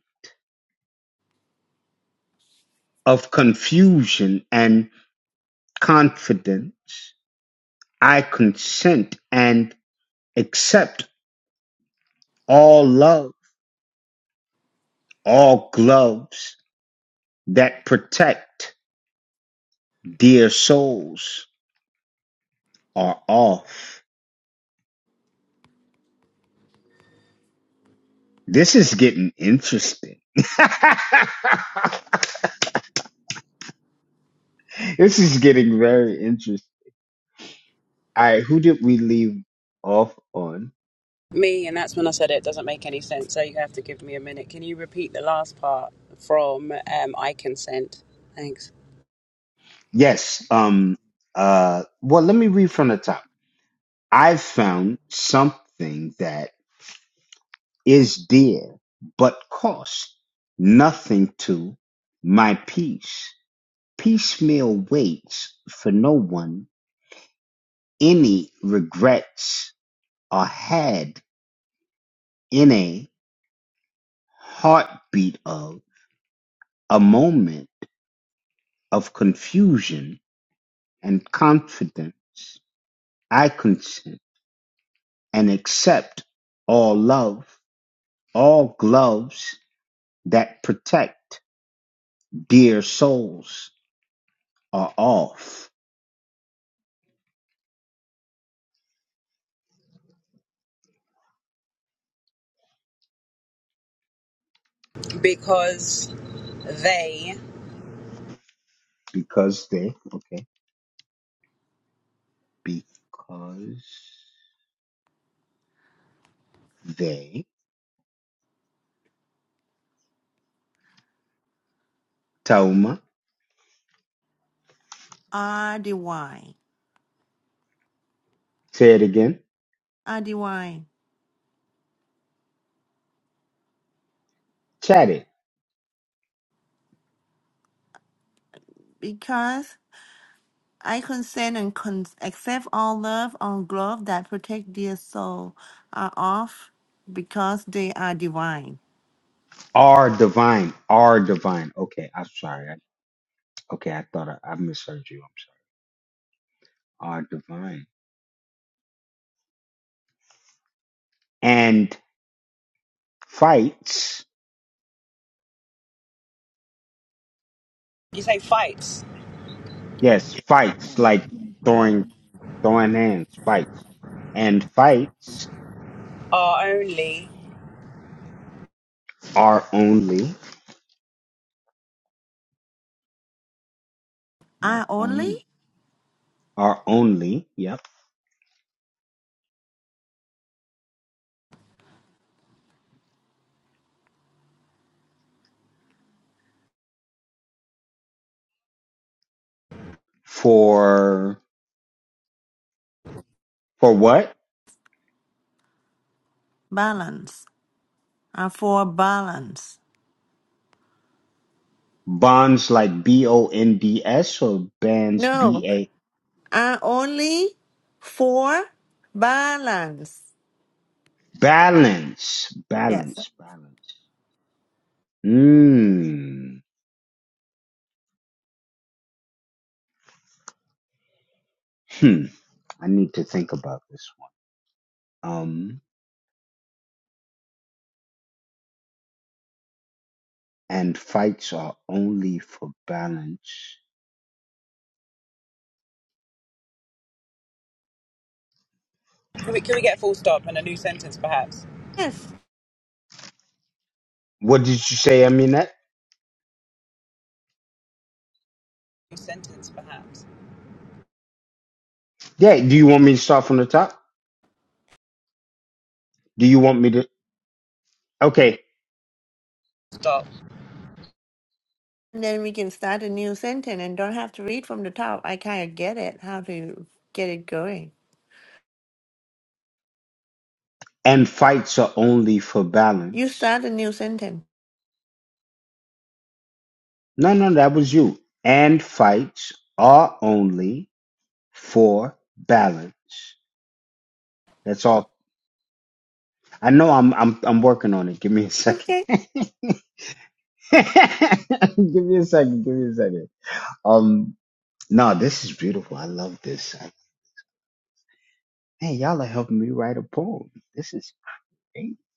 B: of confusion and confidence. I consent and accept all love, all gloves that protect dear souls are off. This is getting interesting. (laughs) this is getting very interesting. All right, who did we leave off on?
D: Me, and that's when I said it doesn't make any sense. So you have to give me a minute. Can you repeat the last part from um, I consent? Thanks.
B: Yes, um uh well let me read from the top. I've found something that is dear but costs nothing to my peace. Piecemeal waits for no one any regrets are had in a heartbeat of a moment of confusion and confidence. I consent and accept all love, all gloves that protect dear souls are off
D: Because they,
B: because they okay because they Tauma
C: R D Y,
B: say it again
C: R D Y.
B: chat it
C: Because I consent and con- accept all love all glove that protect their soul are off because they are divine.
B: are divine are divine okay I'm sorry I Okay, I thought I, I misheard you. I'm sorry. Uh, divine and fights.
D: you say fights
B: Yes, fights like throwing throwing hands, fights, and fights
D: are only.
B: are only are
C: I only
B: only are only. Yep. For for what
C: balance are for balance.
B: bonds like B O N D S or bands B
C: No,
B: A
C: I only for balance.
B: balance
C: Yes.
B: balance balance. Hmm. Hmm. I need to think about this one. Um. and fights are only for balance.
D: Can we, can we get a full stop and a new sentence, perhaps?
C: Yes.
B: What did you say, Aminette?
D: New sentence, perhaps.
B: Yeah, do you want me to start from the top? Do you want me to? Okay.
D: Stop.
C: And then we can start a new sentence and don't have to read from the top. I kind of get it how to get it going.
B: And fights are only for
C: You
B: balance.
C: start a new sentence.
B: No, no, that was you. And fights are only for balance. That's all. I know I'm I'm I'm working on it. Give me a second.
C: Okay.
B: (laughs) give me a second. Give me a second. Um no, this is beautiful. I love this. I, man, y'all are helping me write a poem. This is (laughs)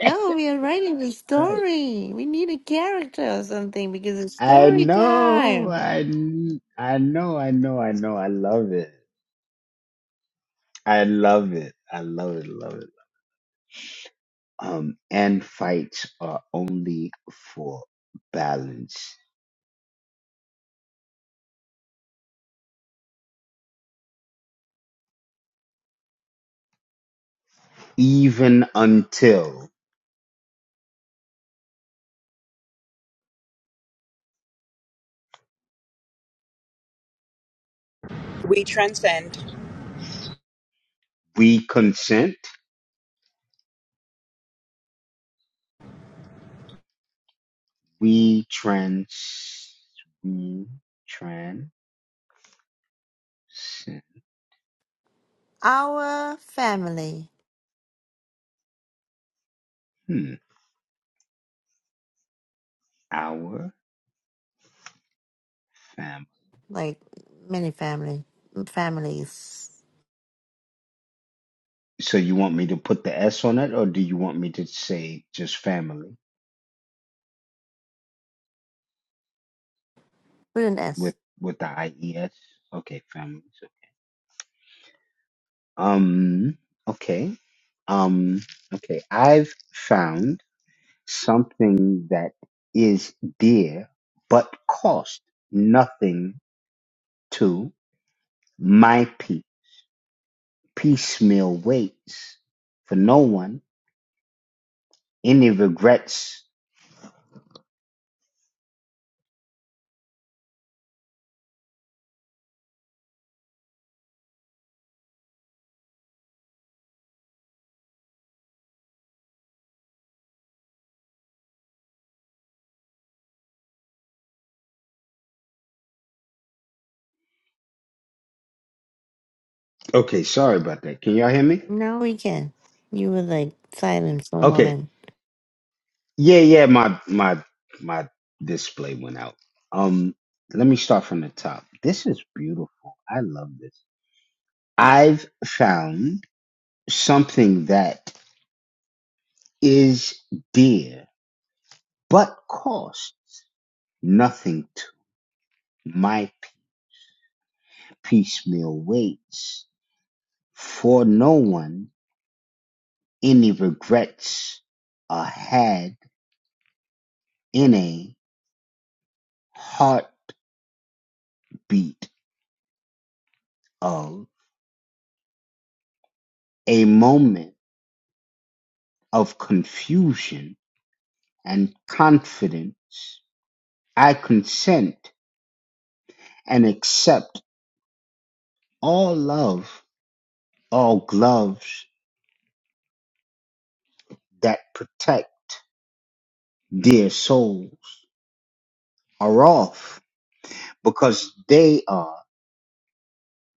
C: No, we are writing the
B: Right.
C: story. We need a character or something because it's
B: I
C: story
B: know,
C: time.
B: I, kn- I know, I know, I know. I love it. I love it. I love it. Love it. Um, and fights are only for balance. Even until
D: We transcend
B: we consent, we trans, we transcend
C: Our family,
B: hmm, our family.
C: like many family families,
B: So you want me to put the S on it, or do you want me to say just family?
C: with an
B: with
C: S.
B: with the IES. Okay, family. So, um, okay, um, okay. I've found something that is dear but cost nothing to my pe- piecemeal waits for no one any regrets. Okay, sorry about that. Can y'all hear me?
C: No, we can. You were like silent for a
B: Okay.
C: moment.
B: Yeah, yeah, my my my display went out. Um, let me start from the top. This is beautiful. I love this. I've found something that is dear but costs nothing to my piecemeal ways. For no one any regrets are had in a heartbeat of a moment of confusion and confidence. I consent and accept all love, all gloves that protect dear souls are off because they are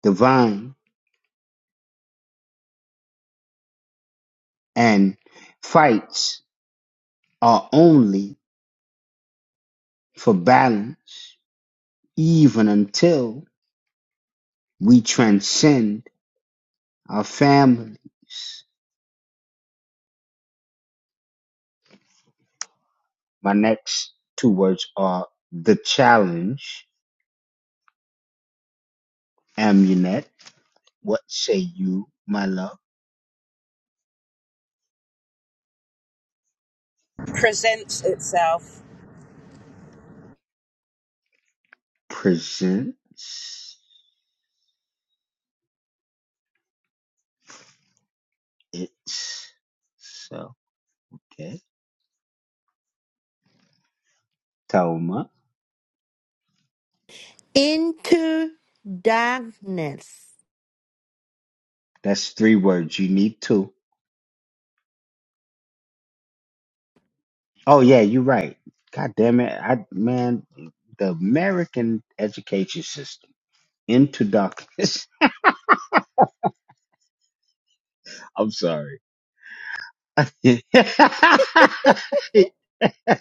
B: divine and fights are only for balance even until we transcend our families. My next two words are the challenge, amulet, What say you, my love?
D: presents itself.
B: Presents it's so okay. Toma.
C: Into darkness.
B: That's three words. You need two. Oh yeah, you're right. God damn it. I man, the American education system into darkness. (laughs) I'm sorry.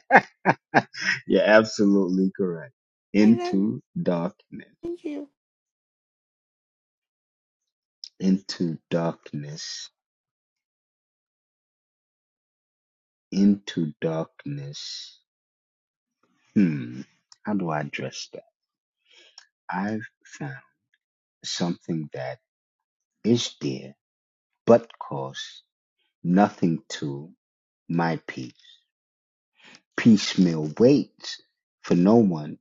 B: (laughs) You're absolutely correct.
C: I love
B: Into darkness.
C: thank you.
B: Into darkness. Into darkness. hmm, how do I address that? I've found something that is there, but costs nothing to my peace. Piecemeal waits for no one.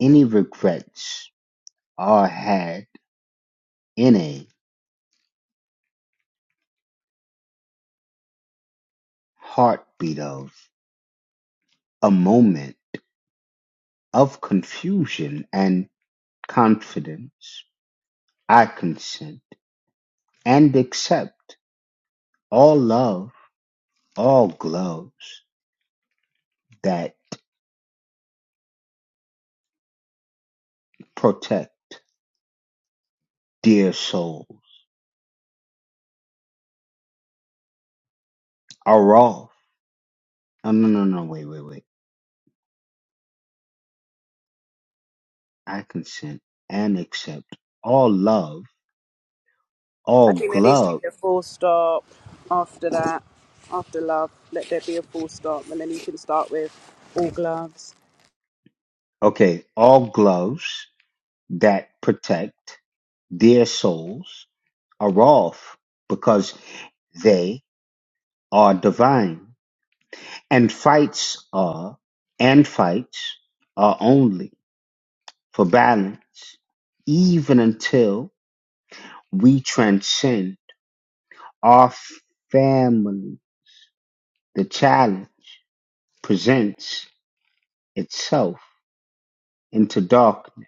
B: Any regrets are had in a heartbeat of a moment of confusion and confidence. I consent and accept all love, all gloves that protect. dear souls are off. No, no, no, no, wait, wait, wait. I consent and accept all love, all
D: I think there needs to
B: glove,
D: be a full stop after that. After love, let there be a full stop, and then you can start with all gloves
B: okay, all gloves that protect dear souls are off because they are divine. And fights are, and fights are only for balance, even until we transcend our family. The challenge presents itself into darkness.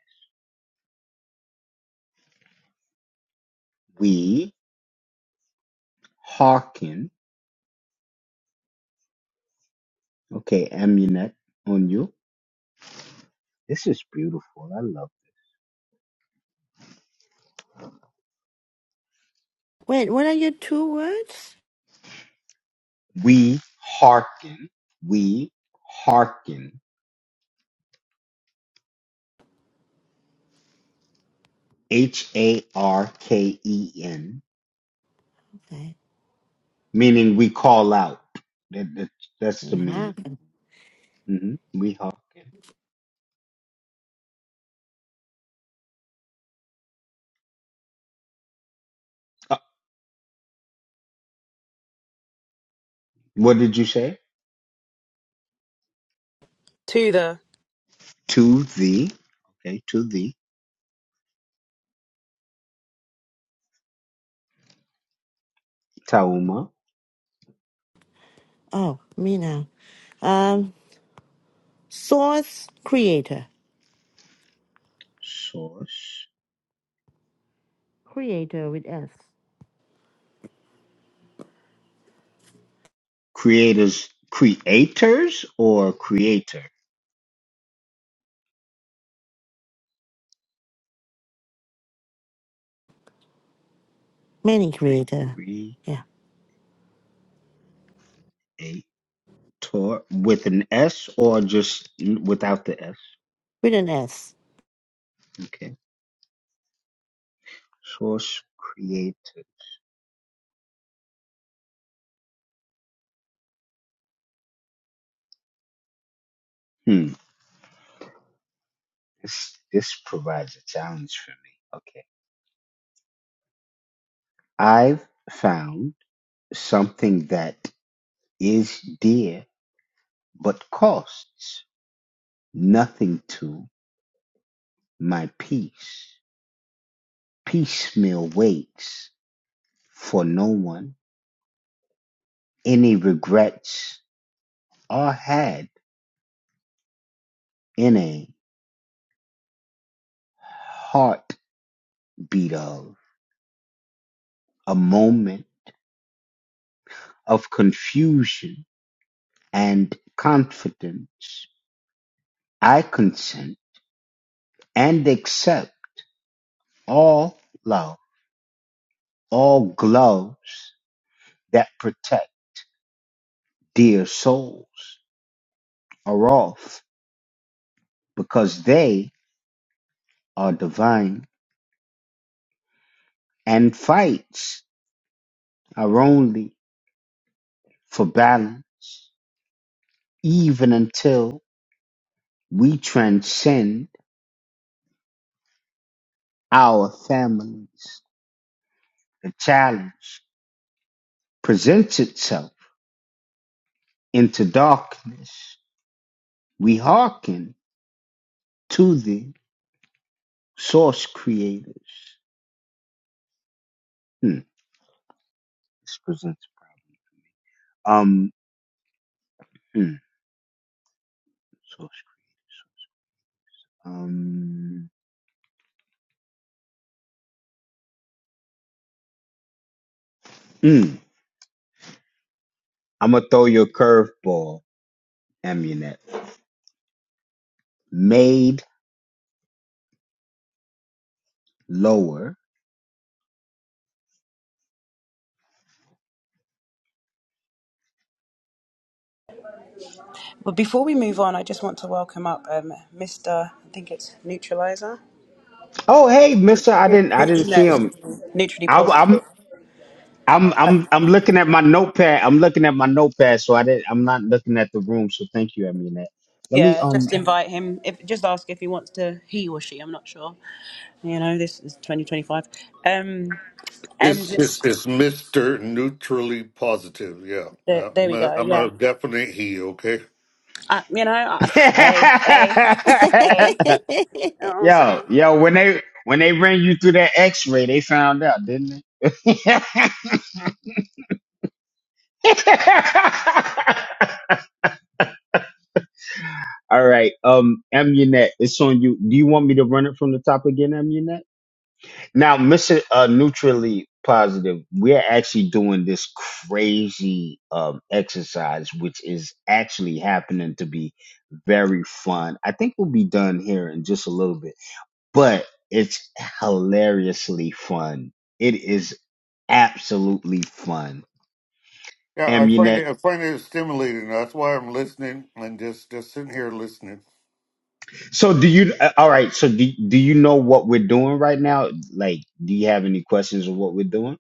B: We hearken. Okay, Amunet on you. This is beautiful. I love
C: Wait, what are your two words?
B: it. We hearken. We hearken. H A R K E N,
C: Okay.
B: meaning we call out. That, that, that's the
C: Yeah.
B: meaning. hmm We hearken. Uh, what did you say?
D: to the.
B: To the, okay, to the Tauma
C: Oh, me now. Um, source creator.
B: source.
C: Creator with S.
B: Creators, creators or creator?
C: Many creator. Yeah.
B: A tour with an S or just n- without the S?
C: With an S.
B: Okay. Source creator. Hmm. This this provides a challenge for me. Okay. I've found something that is dear but costs nothing to my peace. Piecemeal waits for no one. Any regrets are had in a heartbeat of a moment of confusion and confidence, I consent and accept all love, all gloves that protect dear souls are off because they are divine and fights are only for balance even until we transcend our families. The challenge presents itself into darkness. We hearken to the source creators. Hmm. This presents. Um. Hmm. Source. Um. Hmm. I'm gonna throw your curveball, Amunet. Made lower.
D: Well, before we move on, I just want to welcome up um, Mr. I think it's Neutralizer.
B: Oh, hey, Mister. I
D: Nu-
B: didn't. I didn't
D: Neutral, no,
B: see him.
D: excuse me, neutrally
B: I, I'm.
D: positive.
B: I'm. I'm. I'm looking at my notepad. I'm looking at my notepad. So I didn't. I'm not looking at the room. So thank you, Amunet. Let me.
D: Yeah,
B: Um.
D: just invite him. If just ask if he wants to, he or she. I'm not sure. You know, this is 2025. Um, and
E: It's it's
D: just
E: it's Mister Neutrally Positive. Yeah,
D: the,
E: Uh,
D: there
E: I'm
D: we
E: a,
D: go.
E: I'm a
D: Yeah,
E: definite he. Okay.
D: I, you know, I, (laughs) hey, hey, (laughs) hey.
B: (laughs)
D: You know
C: (laughs)
D: what I'm
B: Yo,
D: saying?
B: yo, when they when they ran you through that X-ray, they found out, didn't they? (laughs) All right, um, Amunet, it's on you. Do you want me to run it from the top again, Amunet? Now, Mister uh, Neutrally Positive, we're actually doing this crazy um exercise, which is actually happening to be very fun. I think we'll be done here in just a little bit. but it's hilariously fun. It is absolutely fun.
E: Yeah, I find
B: Amunet.
E: it I find it stimulating. That's why I'm listening and just just sitting here listening.
B: So do you? uh, All right. So do do you know what we're doing right now? Like, do you have any questions of what we're doing?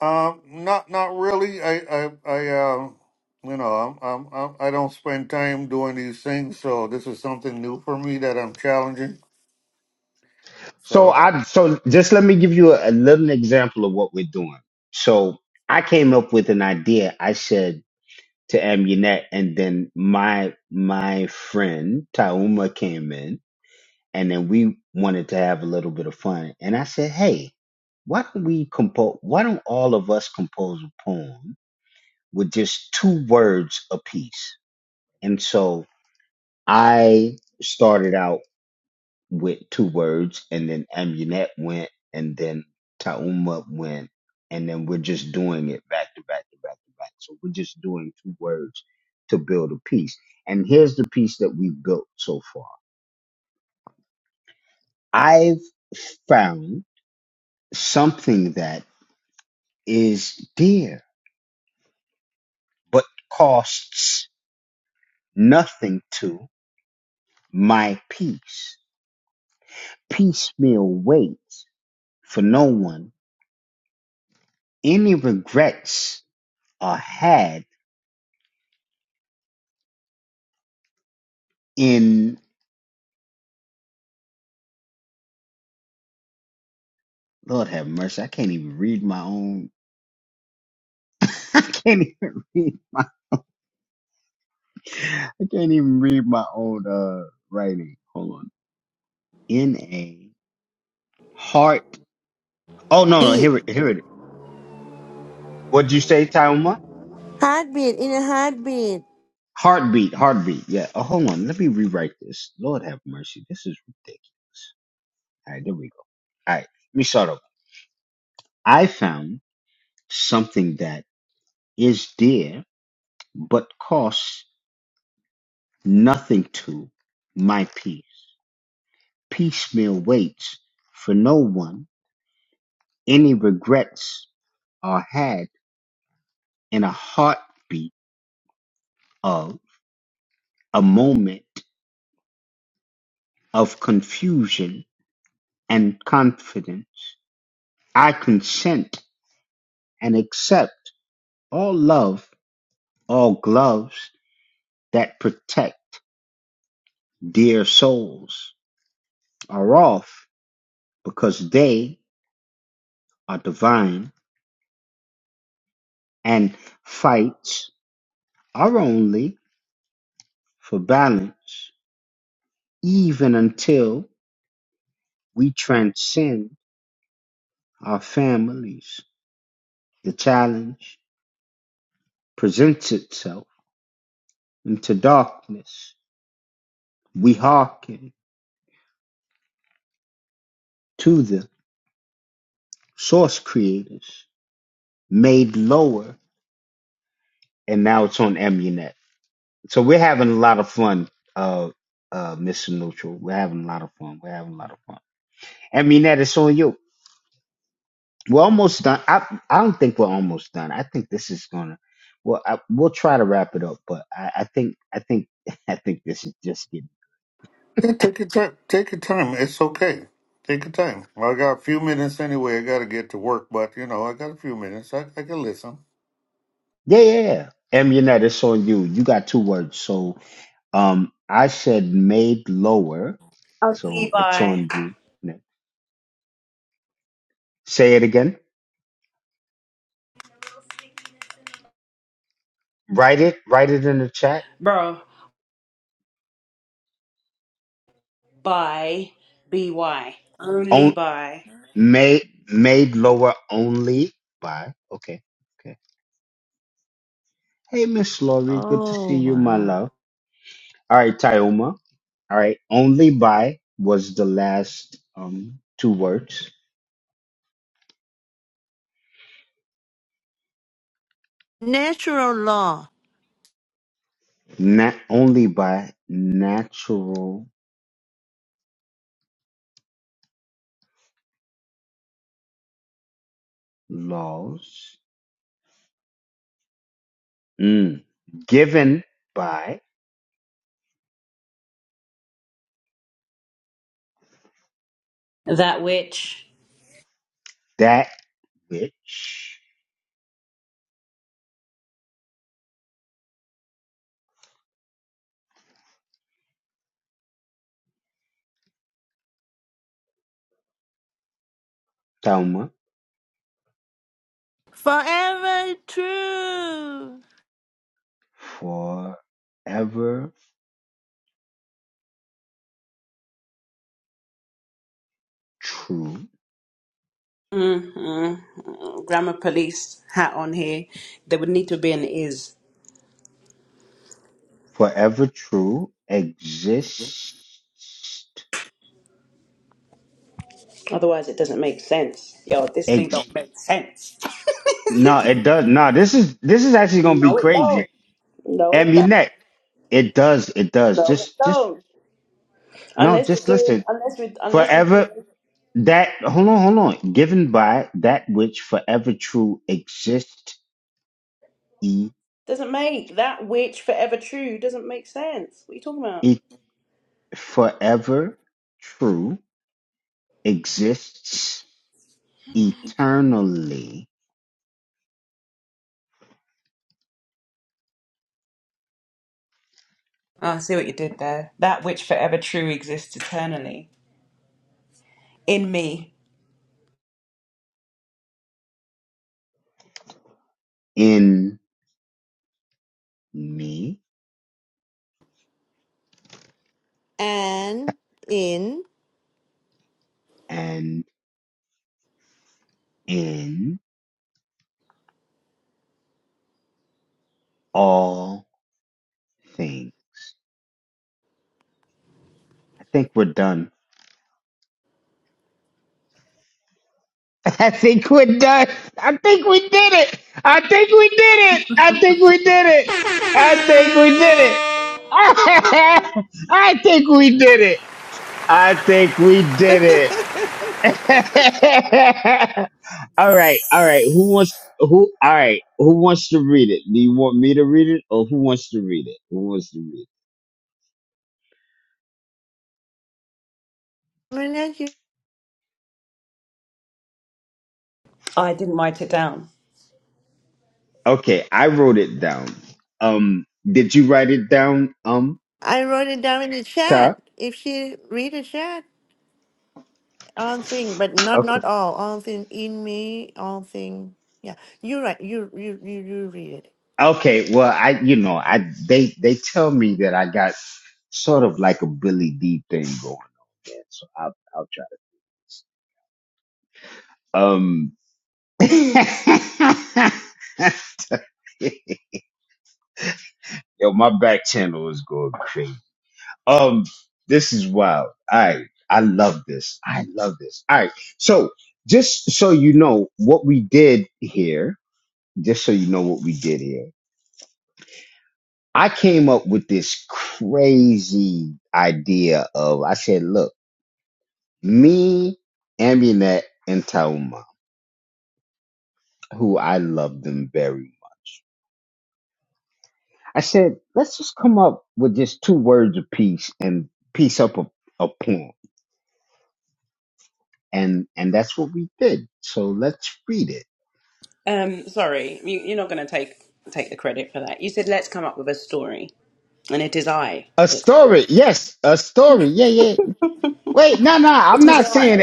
E: Um, not not really. I I I um. You know, I'm, I'm, I'm, I don't spend time doing these things, so this is something new for me that I'm challenging.
B: So
E: So
B: I so just let me give you a, a little example of what we're doing. So I came up with an idea. I said to Amunet, and then my my friend Tauma came in and then we wanted to have a little bit of fun. And I said, hey, why don't we compose? Why don't all of us compose a poem with just two words apiece? And so I started out with two words, and then Amunet went, and then Tauma went, and then we're just doing it back to back to back to back. So we're just doing two words to build a piece. And here's the piece that we've built so far. I've found something that is dear but costs nothing to my peace. Piecemeal waits for no one. Any regrets are had in Lord have mercy. I can't even read my own. (laughs) I can't even read my. I can't even read my own uh writing. Hold on. In a heart. Oh no no
C: Beat.
B: here it here it. What'd you say, Tauma?
C: Heartbeat in a heartbeat.
B: Heartbeat, heartbeat. Yeah. Oh, hold on. Let me rewrite this. Lord have mercy. This is ridiculous. All right, there we go. All right, let me start over. I found something that is dear but costs nothing to my peace. Piecemeal waits for no one. Any regrets are had in a heartbeat of a moment of confusion and confidence. I consent and accept. All love, all gloves that protect dear souls are off because they are divine and fights are only for balance, even until we transcend our families. The challenge presents itself into darkness. We hearken to the source creators made lower, and now it's on Emunet. So we're having a lot of fun, uh, uh, Mr. Neutral. We're having a lot of fun. We're having a lot of fun. I mean, that it's on you. We're almost done. I, I don't think we're almost done. I think this is gonna. Well, I, we'll try to wrap it up, but I, I think, I think, (laughs) I think this is just getting.
E: yeah, take your time. Take your time. It's okay. Take your time. Well, I got a few minutes anyway. I got to get to work, but you know, I got a few minutes. I, I can listen.
B: Yeah, yeah, yeah. Amunet, it's on you. You got two words. So, um, I said made lower, so
D: Only
B: it's
D: by,
B: on you. Say it again. Write it. Write it in the chat
D: bro, by, by, only by
B: Made made lower only by okay. Okay. Hey Miss Laurie, good to see
C: Oh,
B: you, my
C: wow.
B: love. All right, Tyoma. All right, only by was the last um two words.
C: Natural law.
B: Not only by natural laws. Mm. Given by
D: that which.
B: that which Tauma
C: Forever true.
B: forever true.
D: mm Grammar police hat on here. There would need to be an is.
B: Forever true exists
D: Otherwise, it doesn't make sense. Yo, this thing
B: Ex-
D: don't make sense.
B: no, it does. No, this is this is actually gonna be
D: No, it don't.
B: crazy.
D: No, it don't.
B: Amunet, it does, it does.
D: No, it
B: Just just
D: don't.
B: no,
D: Unless we're
B: just
D: doing,
B: listen.
D: unless we, unless we
B: Forever
D: do,
B: that hold on, hold on. Given by that which forever true exists, e
D: doesn't make that which forever true doesn't make sense. What are you talking about?
B: it forever true exists eternally
D: Oh, I see what you did there. That which forever true exists eternally in me.
B: in me
C: And in.
B: and in all things. I think we're done. (laughs) I think we're done. I think we did it. I think we did it. I think we did it. I think we did it. (laughs) I think we did it. I think we did it. (laughs) all right, all right. Who wants who all right, who wants to read it? Do you want me to read it or who wants to read it? Who wants to read
C: Renee,
D: I didn't write it down.
B: it? Okay, I wrote it down. Um did you write it down? Um
C: I wrote it down in the chat.
B: Ta?
C: If she read the chat, all thing, but not
B: Okay.
C: not all. All thing in me, all thing. Yeah, you're right. You you you you read it.
B: Okay, well, I you know, I they they tell me that I got sort of like a Billy D thing going on, man. So I'll I'll try this. Um, (laughs) yo, my back channel is going crazy. Um, this is wild. All right, I love this. I love this. All right, so just so you know what we did here, just so you know what we did here. I came up with this crazy idea of I said, look. Me, Amunet, and Tauma, who I love them very much. I said, let's just come up with just two words of peace and piece up a, a poem. And and that's what we did. So let's read it.
D: Um, sorry, you, you're not going to take take the credit for that. You said let's come up with a story. and it is I
B: A
D: that suggests.
B: story, yes, a story. Yeah, yeah. Wait, no, no, I'm
D: It is
B: not
D: I.
B: saying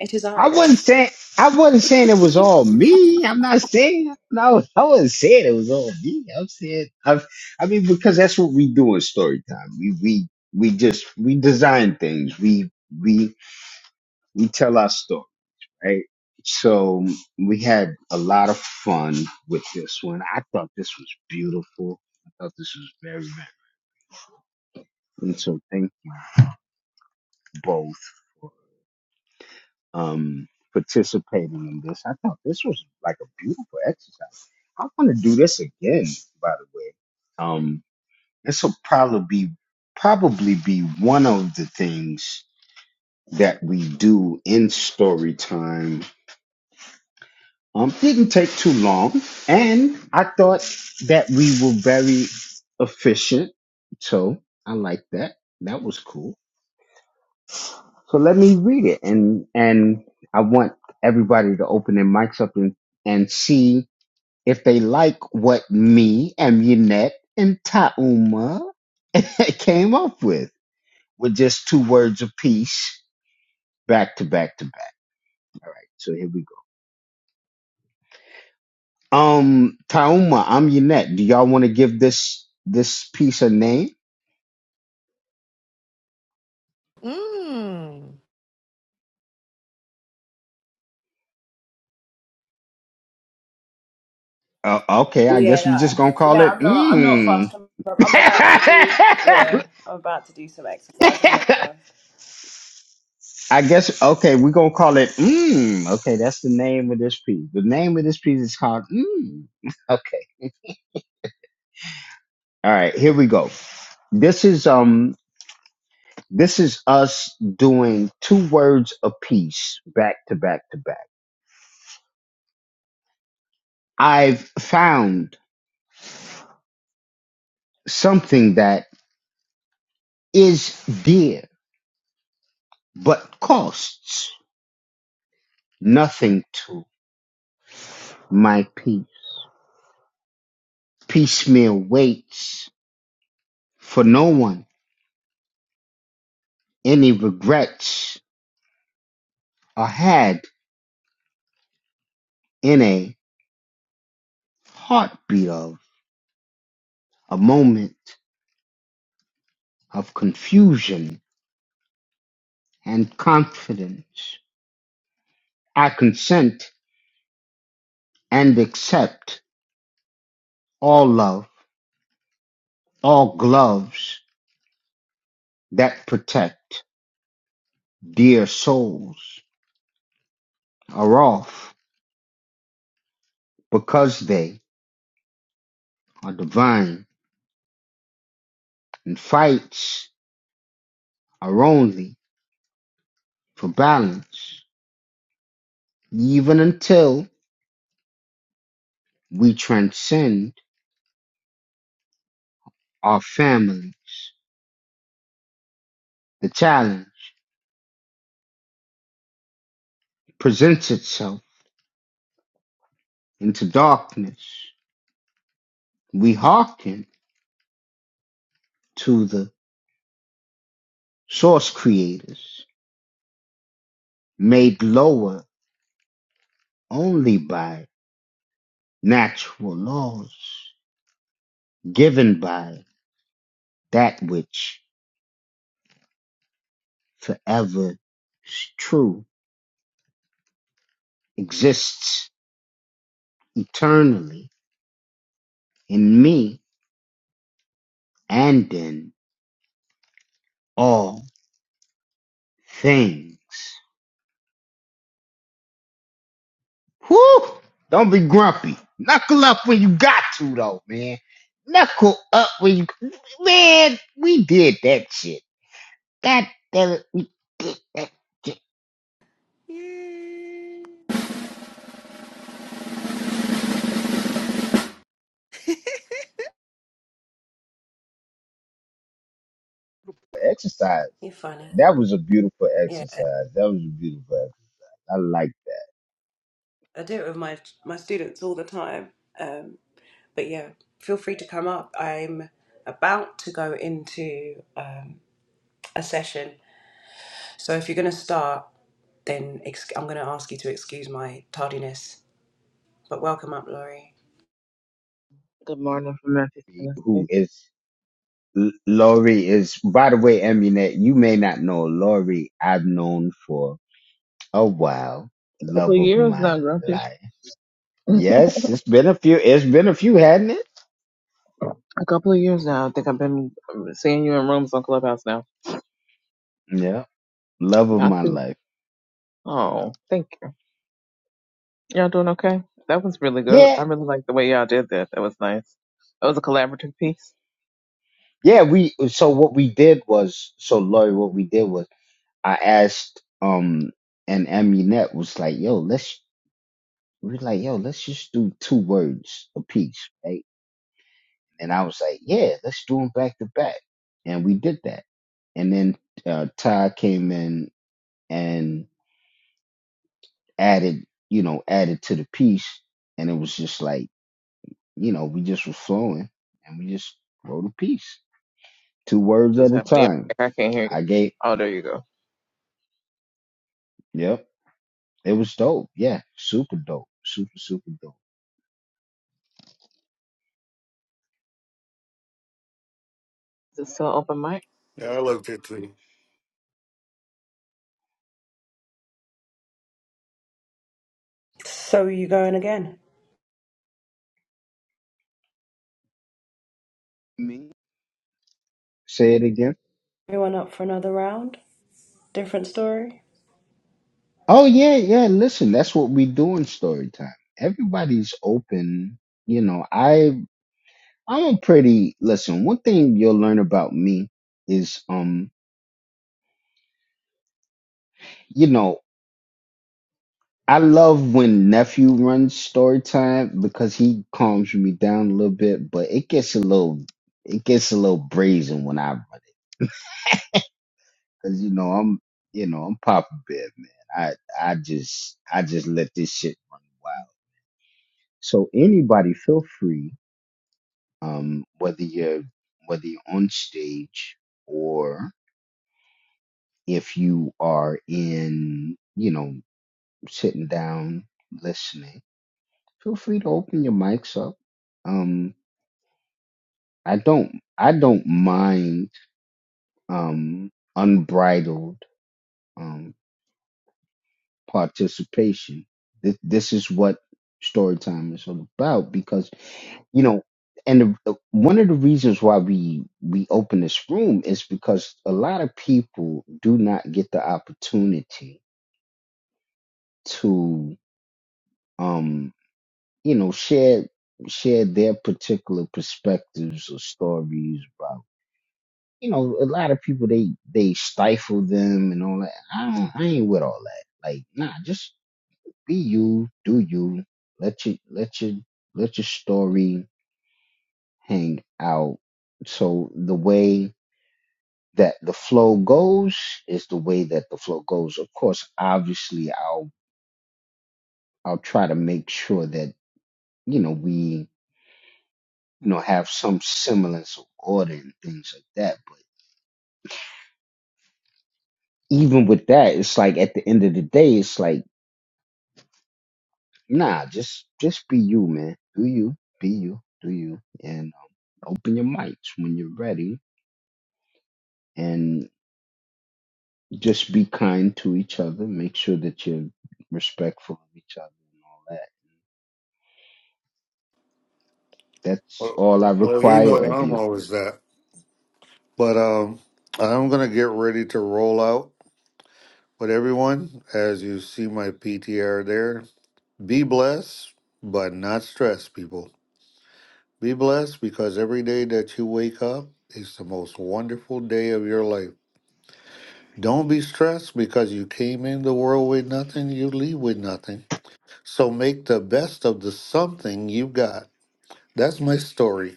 D: It is
B: I
D: I that.
B: wasn't saying I wasn't saying it was all me. I'm not saying no. I wasn't saying it was all me. I'm saying i I mean because that's what we do in story time. We we we just we design things. We we we tell our story, right? So we had a lot of fun with this one. I thought this was beautiful. I thought this was very very. And so thank you both. um, participating in this. I thought this was like a beautiful exercise. I want to do this again, by the way. Um, this will probably be probably be one of the things that we do in story time. Um, didn't take too long, and I thought that we were very efficient. So I like that. That was cool. So let me read it and and I want everybody to open their mics up and, and see if they like what me and Yannette and Tauma (laughs) came up with with just two words apiece back to back to back. All right, so here we go. Um Tauma, I'm Yannette. Do y'all want to give this this piece a name?
C: Mm.
B: Uh, okay, I
D: Yeah,
B: guess we just
D: nah.
B: gonna call
D: yeah.
B: it
D: I'm not. I'm not
B: mmm.
D: fast. I'm, I'm about to do. Yeah,
B: (laughs)
D: I'm about to do some exercise. I'm not fast.
B: I guess okay, we're gonna call it mm. Okay, that's the name of this piece. The name of this piece is called mm. (laughs) Okay. All right, here we go. This is um this is us doing two words a piece back to back to back. I've found something that is dear but costs nothing to my peace. Piecemeal waits for no one. Any regrets are had in a heartbeat of a moment of confusion and confidence. I consent and accept all love, all gloves that protect dear souls are off because they are divine and fights are only for balance, even until we transcend our families. The challenge presents itself into darkness We hearken to the source creators, made lower only by natural laws, given by that which forever is true, exists eternally in me and in all things. Whew! Don't be grumpy. Knuckle up when you got to, though, man. Knuckle up when you, man. We did that shit. God damn it. We did that shit.
C: Yay.
B: Exercise.
D: You're funny.
B: That was a beautiful
D: Yeah,
B: exercise. That was a beautiful exercise. I like
D: I do it with my my students all the time. Um, but yeah, feel free to come up. I'm about to go into um, a session, so if you're going to start, then ex- I'm going to ask you to excuse my tardiness. But welcome up, Laurie.
F: Good morning from Memphis,
B: who
F: Tennessee.
B: is L- Lori is by the way, Emunet, you may not know Lori I've known for a while.
F: A couple
B: Love
F: of
B: of
F: years
B: my
F: now, Grumpy.
B: life. Yes, it's been a few it's been a few, hadn't it?
F: A couple of years now. I think I've been um, seeing you in rooms on Clubhouse now.
B: Yeah. Love of
F: I
B: my
F: could.
B: life.
F: Oh, thank you. Y'all doing okay? That was really good.
B: Yeah.
F: I really like the way y'all did that. That was nice. That was a collaborative piece.
B: Yeah, we so what we did was so Lori, what we did was I asked um and Emunet was like, yo, let's We was like, yo, let's just do two words a piece, right? And I was like, yeah, let's do them back to back. And we did that. And then uh, Ty came in and added, you know, added to the piece. And it was just like, you know, we just were flowing and we just wrote a piece, two words at
F: Just
B: a
F: happening.
B: time.
F: I can't hear you.
B: I gave,
F: Oh, there you go.
B: yep, it was dope. Yeah, super dope. Super, super dope.
F: Is it still open mic?
E: Yeah, I love at
D: So you going again?
B: Me? Say it again.
D: Everyone up for another round? Different story?
B: Oh yeah, yeah. Listen, that's what we do in story time. Everybody's open. You know, I I'm a pretty listen, one thing you'll learn about me is um, you know, I love when nephew runs story time because he calms me down a little bit, but it gets a little it gets a little brazen when I run it. Cause you know, I'm you know, I'm Papa Bear, man. I I just I just let this shit run wild. So anybody feel free um, whether you're whether you're on stage or if you are in, you know, sitting down listening, feel free to open your mics up. Um, I don't I don't mind um, unbridled um, participation. This, this is what story time is all about because you know, and the, the- one of the reasons why we we open this room is because a lot of people do not get the opportunity to, um, you know, share share their particular perspectives or stories about. You know, a lot of people they they stifle them and all that. I don't, I ain't with all that. Like, nah, just be you, do you. Let your let your let your story hang out. So the way that the flow goes is the way that the flow goes. Of course, obviously, I'll I'll try to make sure that you know we you know have some semblance of order and things like that. But even with that, it's like at the end of the day, it's like nah, just just be you, man. Do you be you? Do you? And uh, open your mics when you're ready, and just be kind to each other. Make sure that you're respectful of each other and all that. That's
E: Well,
B: all I
E: well, you know
B: require of
E: I'm
B: you
E: always that. But um, I'm gonna get ready to roll out. But everyone, as you see my PTR there, be blessed, but not stressed, people. Be blessed because every day that you wake up is the most wonderful day of your life. Don't be stressed because you came in the world with nothing, you leave with nothing. So make the best of the something you got. That's my story.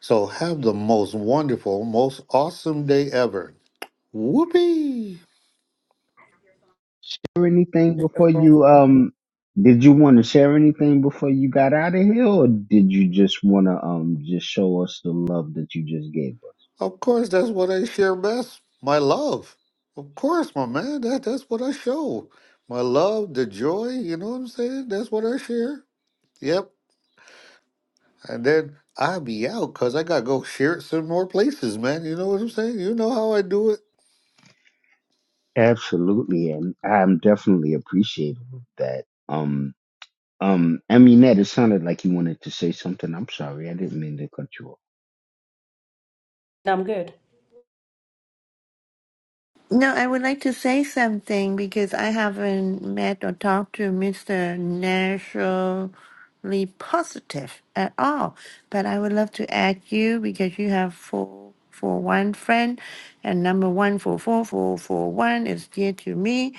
E: So have the most wonderful, most awesome day ever. Whoopee!
B: share anything before
D: No,
B: you um did you want to share anything before you got out of here or did you just want to um just show us the love that you just gave us
E: Of course, that's what I share best. My love. Of course, my man. That that's what I show. My love, the joy. You know what I'm saying? That's what I share. Yep. And then I be out because I gotta go share it some more places, man. You know what I'm saying? You know how I do it.
B: absolutely and i'm definitely appreciative of that um um i mean that it sounded like you wanted to say something i'm sorry i didn't mean to cut you off
D: I'm good.
C: No, I would like to say something because I haven't met or talked to Mr. Naturally Positive at all. But I would love to add you because you have four for one friend, and number one four four four four one is dear to me,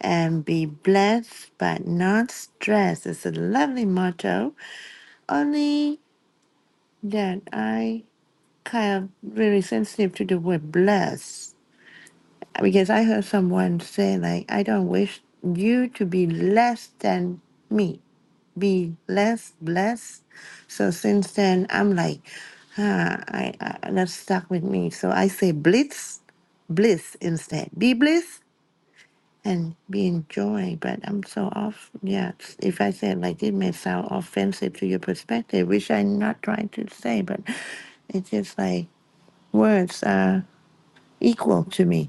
C: and be blessed but not stressed. It's a lovely motto. Only that I kind of really sensitive to the word blessed Because I heard someone say, like, I don't wish you to be less than me, be less blessed. So since then, I'm like, ah, I, I that stuck with me. So I say blitz, bliss instead. Be bliss and be in joy. But I'm so off. Yeah, it's- if I say it like it may sound offensive to your perspective, which I'm not trying to say, but it's just like words are equal to me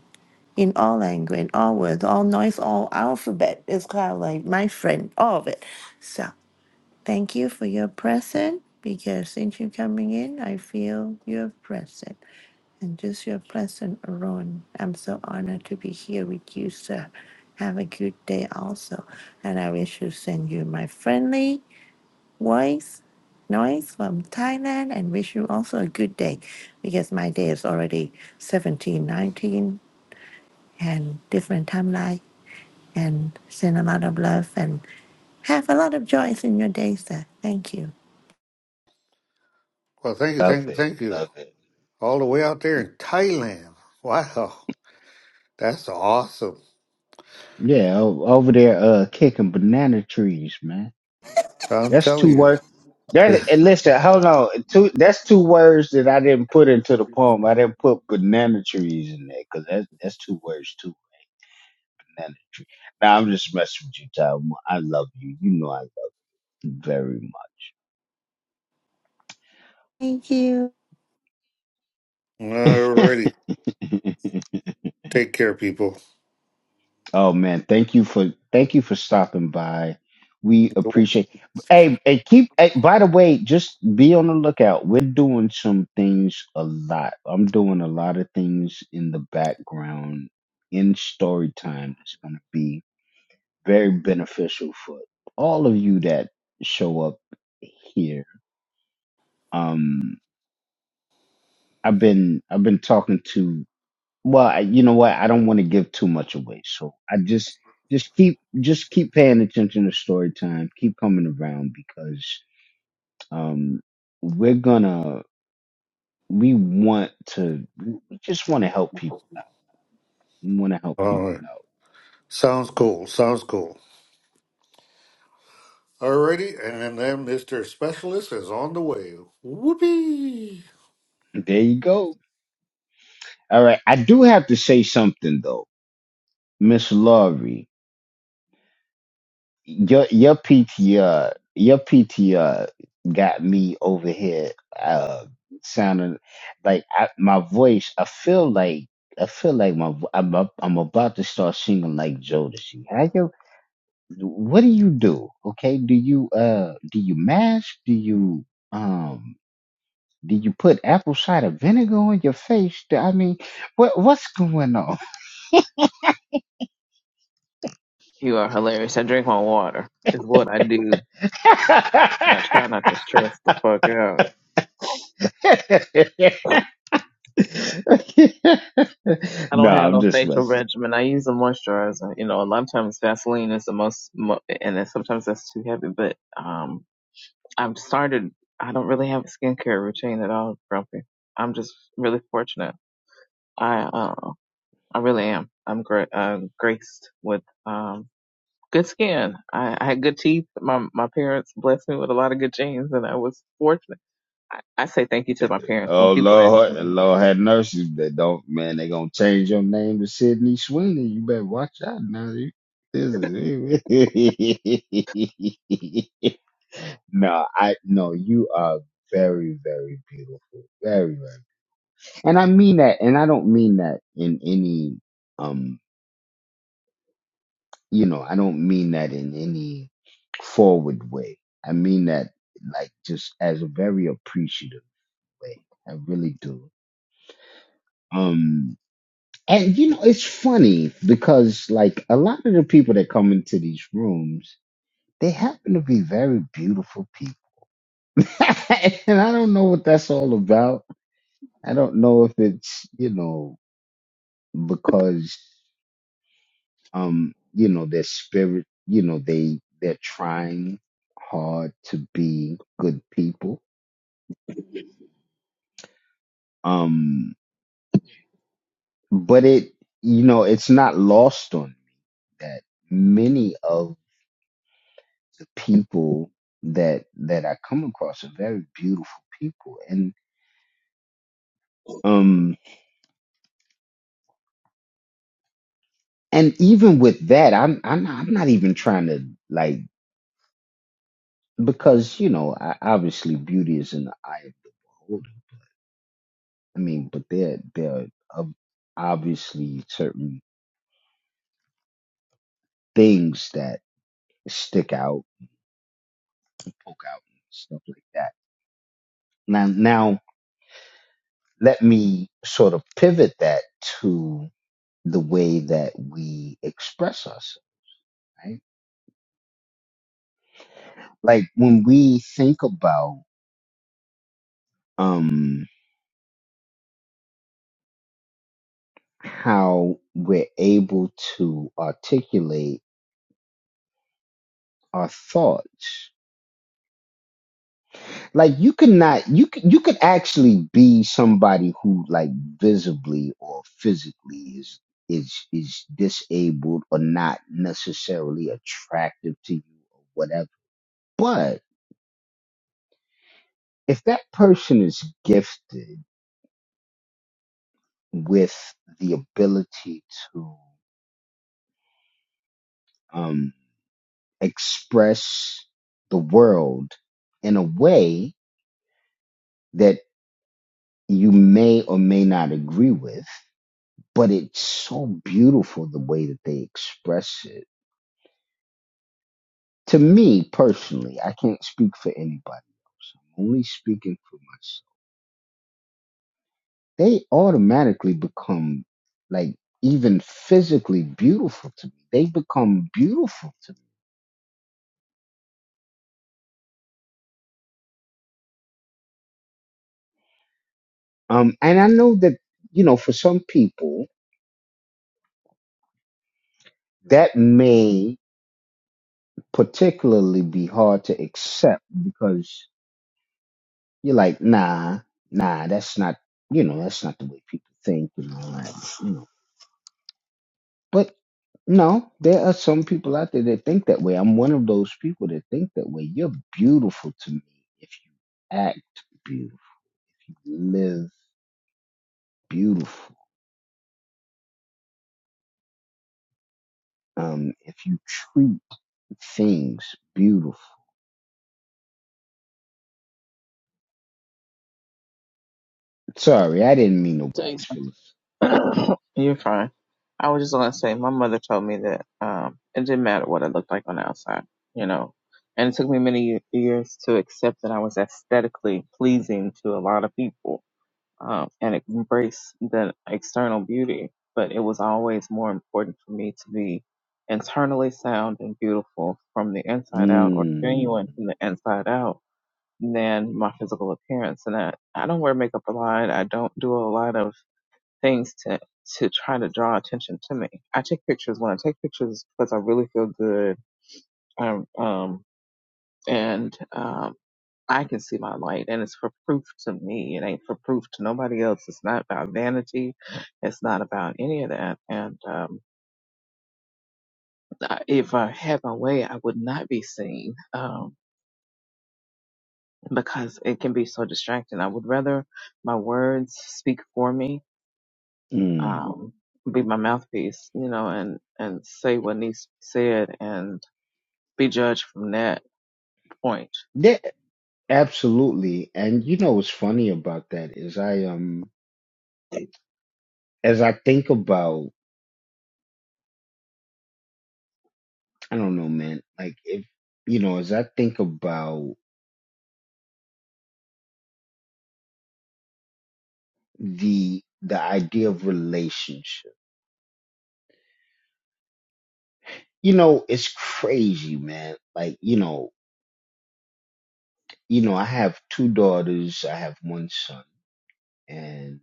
C: in all language, in all words, all noise, all alphabet. It's kind of like my friend, all of it. So thank you for your present because since you coming in, I feel you're present. And just your present alone, I'm so honored to be here with you, sir. Have a good day also. And I wish to send you my friendly voice, noise from Thailand and wish you also a good day because my day is already 17, 19, and different timeline and send a lot of love and have a lot of joys in your day, sir. Thank you.
E: Well, thank you,
B: Love
E: thank you,
B: it.
E: thank you.
B: Love it.
E: All the way out there in Thailand. Wow, that's awesome.
B: yeah o- over there uh kicking banana trees man
E: I'm
B: That's
E: telling
B: two
E: you.
B: words.
E: (laughs)
B: That and listen, hold on. Two that's two words that I didn't put into the poem. I didn't put banana trees in there because that, that's two words too. Banana tree. Now I'm just messing with you, Tom. I love you. You know I love you very
C: Thank you.
E: Alrighty.
B: much. (laughs)
E: Take care, people.
B: Oh man, thank you for thank you for stopping by. We
E: All
B: appreciate. Hey, hey, keep. Hey, by the way, just be on the lookout. We're doing some things a lot. I'm doing a lot of things in the background in story time. It's going to be very beneficial for all of you that show up here. Um, I've been I've been talking to Well, I, you know what? I don't want to give too much away, so I just just keep just keep paying attention to story time. Keep coming around because um, we're gonna we want to we just want to help people out. We want to help people
E: right.
B: out.
E: Sounds
B: So
E: cool. Sounds cool. Alrighty, and then Mr. Specialist is on the way. Whoopee!
B: there you go. All right, I do have to say something though, Miss Laurie. your your
F: Yes.
B: PTR your PTR got me over here uh sounding like I, my voice I feel like I feel like my vo- I'm up, I'm about to start singing like Jodeci. How you what do you do? Okay? Do you uh do you mask? Do you um do you put apple cider vinegar on your face? Do- I mean, what what's going on?
F: You are hilarious. I drink my water. Is what I do. And I try not to stress the fuck out.
B: (laughs) (laughs)
F: I
B: no,
F: don't have
B: I'm
F: no
B: just
F: facial
B: messing.
F: regimen. I use a moisturizer. You know, a lot of times Vaseline is the most, mo- and then sometimes that's too heavy. But um, I've started. I don't really have a skincare routine at all, Grumpy. I'm just really fortunate. I uh, I really am. I'm gra- uh, graced with um good skin. I, I had good teeth. My my parents blessed me with a lot of good genes, and I was fortunate. I, I say thank you to my parents when
B: Oh
F: people ask
B: Lord, Lord have mercy. They don't, man. They gonna change your name to Sydney Sweeney. You better watch out now. You- This is (laughs) no, I no. You are very, very beautiful. Very, very, and I mean that. And I don't mean that in any. um, you know, I don't mean that in any forward way. I mean that like just as a very appreciative way. I really do. Um and you know, it's funny because like a lot of the people that come into these rooms, they happen to be very beautiful people. (laughs) and I don't know what that's all about. I don't know if it's, you know, because um, you know, their spirit, you know, they they're trying hard to be good people. Um, but it, you know, it's not lost on me that many of the people that that I come across are very beautiful people, and um, and even with that, I'm I'm not, I'm not even trying to like because you know, I, obviously beauty is in the eye of the beholder. I mean, but there there are obviously certain things that stick out, poke out, and stuff like that. Now, now let me sort of pivot that to the way that we express us, right? Like when we think about um, how we're able to articulate our thoughts, like you could not you could you could actually be somebody who like visibly or physically is is is disabled or not necessarily attractive to you or whatever but if that person is gifted with the ability to um express the world in a way that you may or may not agree with but it's so beautiful the way that they express it. To me personally, I can't speak for anybody else. I'm only speaking for myself. They automatically become like even physically beautiful to me. They become beautiful to me. Um, and I know that you know for some people that may particularly be hard to accept because you're like, nah, nah, that's not you know that's not the way people think and all that, you know. But No, there are some people out there that think that way. I'm one of those people that think that way. You're beautiful to me if you act beautiful, live beautiful, um, if you treat things beautiful. Sorry, I didn't mean to
F: me.
B: wax Phyllis.
F: (coughs) You're fine. I was just gonna say, my mother told me that um, it didn't matter what it looked like on the outside, you know. And it took me many years to accept that I was aesthetically pleasing to a lot of people um, and embrace the external beauty. But it was always more important for me to be internally sound and beautiful from the inside out or
B: Mm,
F: genuine from the inside out than my physical appearance. And I, I don't wear makeup a lot. I don't do a lot of things to to try to draw attention to me. I take pictures when I take pictures because I really feel good. Um, um and um I can see my light and it's for proof to me. It ain't for proof to nobody else. It's not about vanity. It's not about any of that. And um I- if I had my way, I would not be seen. Um because it can be so distracting. I would rather my words speak for me
B: mm.
F: um, be my mouthpiece, you know, and, and say what needs to be said and be judged from that point. (clears throat)
B: That, absolutely. And you know what's funny about that is I um as I think about I don't know, man, like if you know, as I think about the the idea of relationship. You know, it's crazy, man. Like, you know, you know, I have two daughters, I have one son, and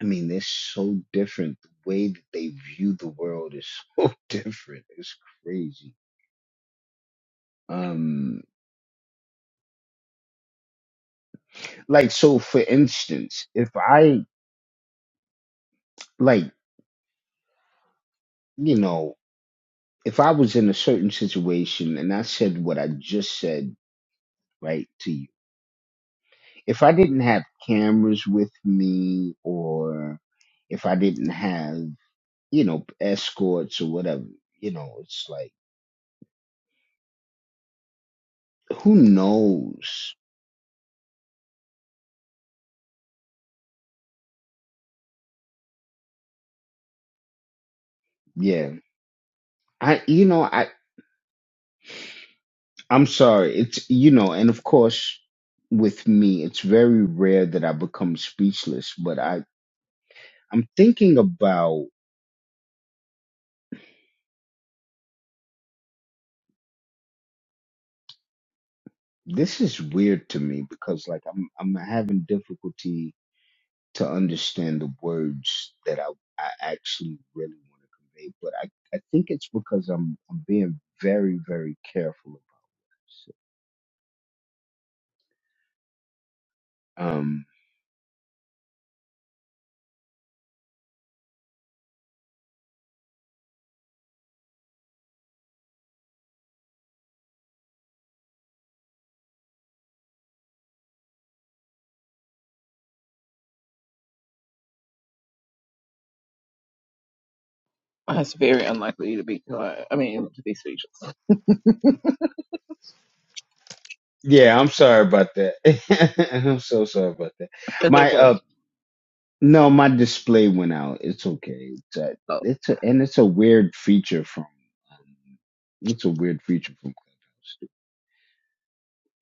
B: I mean, they're so different. The way that they view the world is (laughs) so different. It's crazy. Um, like, so for instance, if I like, you know, if I was in a certain situation and I said what I just said, right, to you if I didn't have cameras with me or if I didn't have, you know, escorts or whatever, you know, it's like who knows? Yeah. I you know, I I'm sorry. It's you know, and of course with me, it's very rare that I become speechless, but I I'm thinking about this is weird to me because like I'm I'm having difficulty to understand the words that I, I actually really want to convey. But I, I think it's because I'm I'm being very, very careful about it. so, Um
F: It's very unlikely to be quiet. I mean, to be speechless. (laughs)
B: yeah, I'm sorry about that. (laughs) I'm so sorry about that.
F: It's
B: My
F: okay.
B: uh no, my display went out. It's okay. It's a,
F: So,
B: it's a, and it's a weird feature from um, it's a weird feature from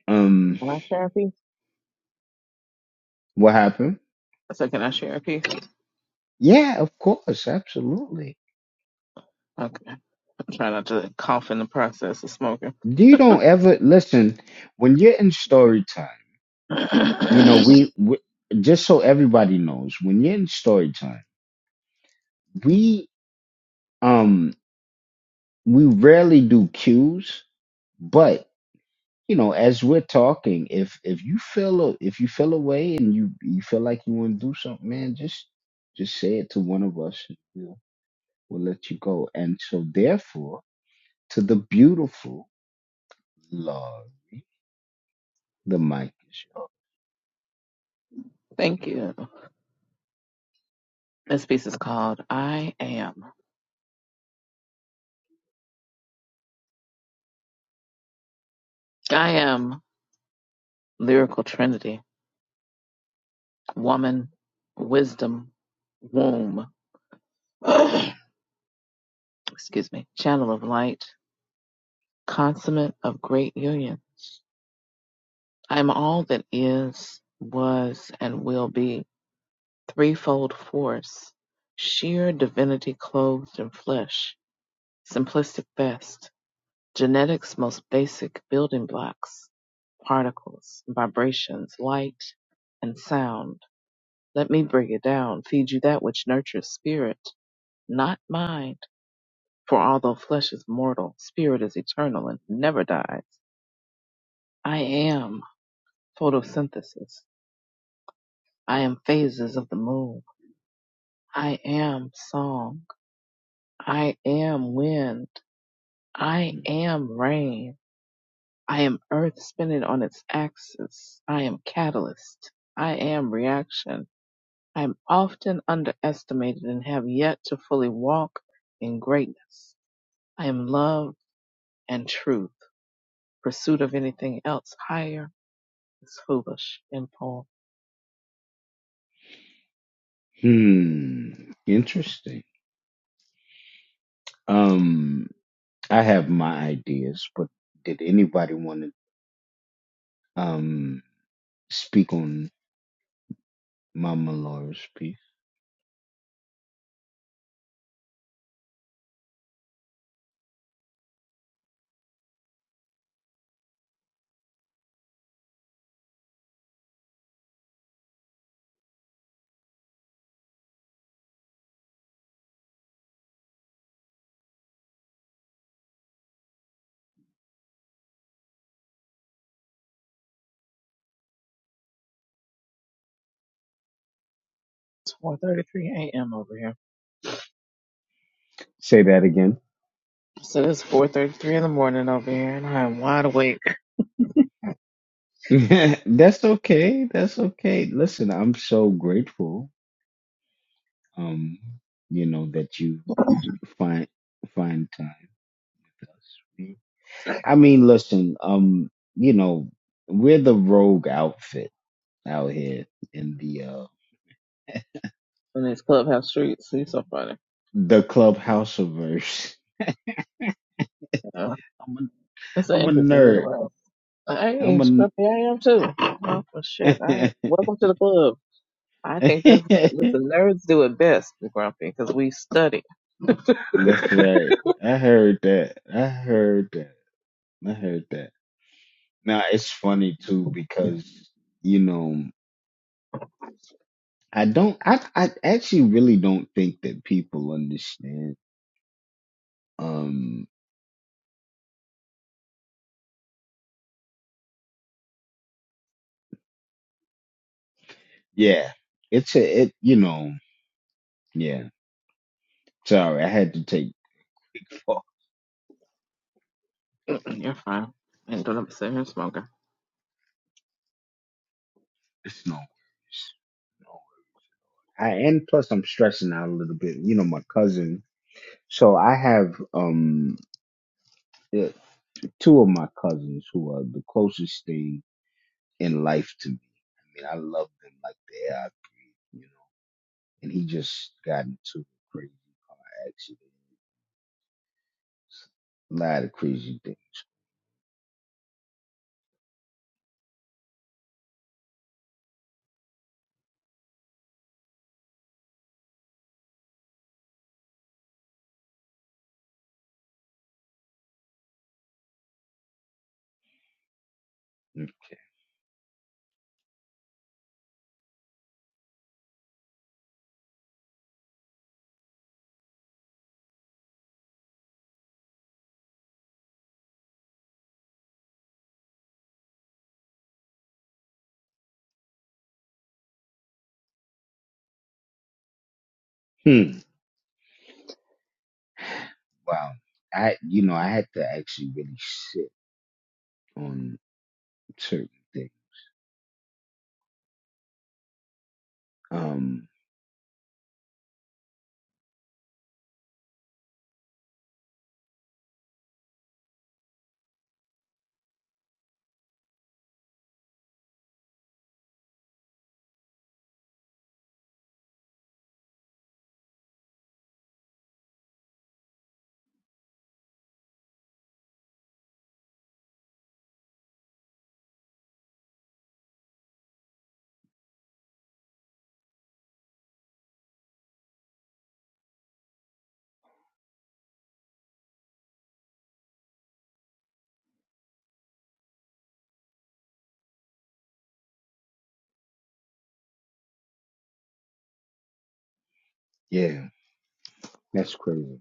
B: Clubhouse. Um
F: can I share a piece?
B: what happened?
F: So, can I share a piece?
B: Yeah, of course, absolutely.
F: Okay. I'm trying not to cough in the process of smoking.
B: You don't ever listen when you're in story time. You know,
F: (clears throat) (coughs)
B: we, we just so everybody knows when you're in story time, we um we rarely do cues, but you know, as we're talking, if if you feel a, if you feel away and you you feel like you want to do something, man, just just say it to one of us. And we'll we'll let you go. And so, therefore, to the beautiful love, the mic is
F: Thank you. This piece is called I Am. I am lyrical trinity, woman, wisdom, womb. (clears throat) (coughs) Excuse me. Channel of light, consummate of great union. I am all that is, was, and will be, threefold force, sheer divinity clothed in flesh, simplistic best, genetics most basic building blocks, particles, vibrations, light, and sound. Let me bring it down, feed you that which nurtures spirit, not mind. For although flesh is mortal, spirit is eternal and never dies. I am photosynthesis I am phases of the moon. I am song. I am wind. I
B: yours.
F: am rain. I am earth spinning on its axis. I am catalyst. I am reaction. I am often underestimated and have yet to fully walk in greatness. I am love and truth. Pursuit of anything else higher is foolish. In poem.
B: Hmm, interesting. Um, I have my ideas, but did anybody want to um speak on Mama Laura's piece?
F: It's 4:33 a.m. over here.
B: Say that again.
F: So it's 4:33 in the morning over here, and I am wide awake.
B: (laughs) That's okay. That's okay. Listen, I'm so grateful. Um, you know that you find find time with us. We- I mean, listen. Um, you know, we're the rogue outfit out here in the uh
F: in these clubhouse streets. He's so funny.
B: the clubhouse verse.
F: You know,
B: (laughs) I'm a
F: that's an
B: I'm a
F: interesting
B: nerd.
F: interview. I
B: I'm
F: ain't
B: a
F: scruffy. I am too. Oh, well,
B: (laughs)
F: shit. I,
B: That's
F: welcome to the club. I think this listen nerds do it best, Grumpy, because we study. (laughs) (clears throat)
B: right. I heard that. I heard that. I heard that. Now it's funny too because you know I don't. I I actually really don't think that people understand. Um. Yeah. It's a. It. You know. Yeah. Sorry, I had to take big fall.
F: You're fine. I ain't going here smoking.
B: It's no worries. No. I and plus I'm stressing out a little bit. You know, my cousin. So I have um. yeah, two of my cousins who are the closest thing in life to me. I mean, I love them like the air I breathe, you know. And he just got into a crazy accident, a lot of crazy things. Hmm. (clears throat) Wow. I, you know, I had to actually really sit on certain things. Um, yeah, that's crazy.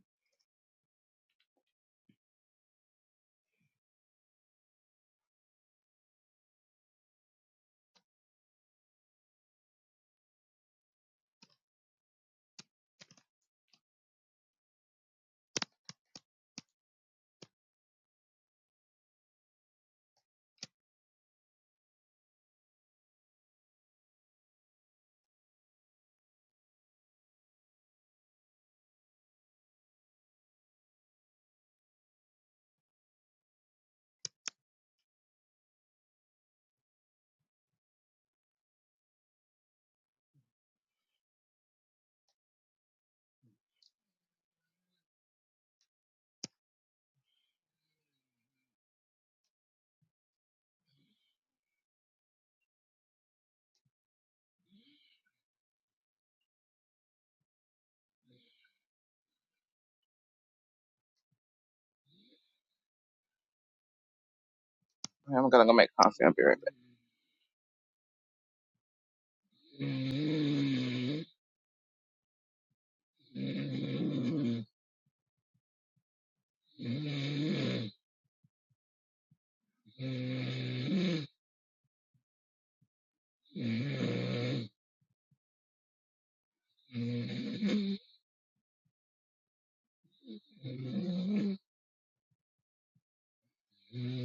F: I'm gonna go make coffee. I'll be right back.
B: (laughs) Mm-hmm.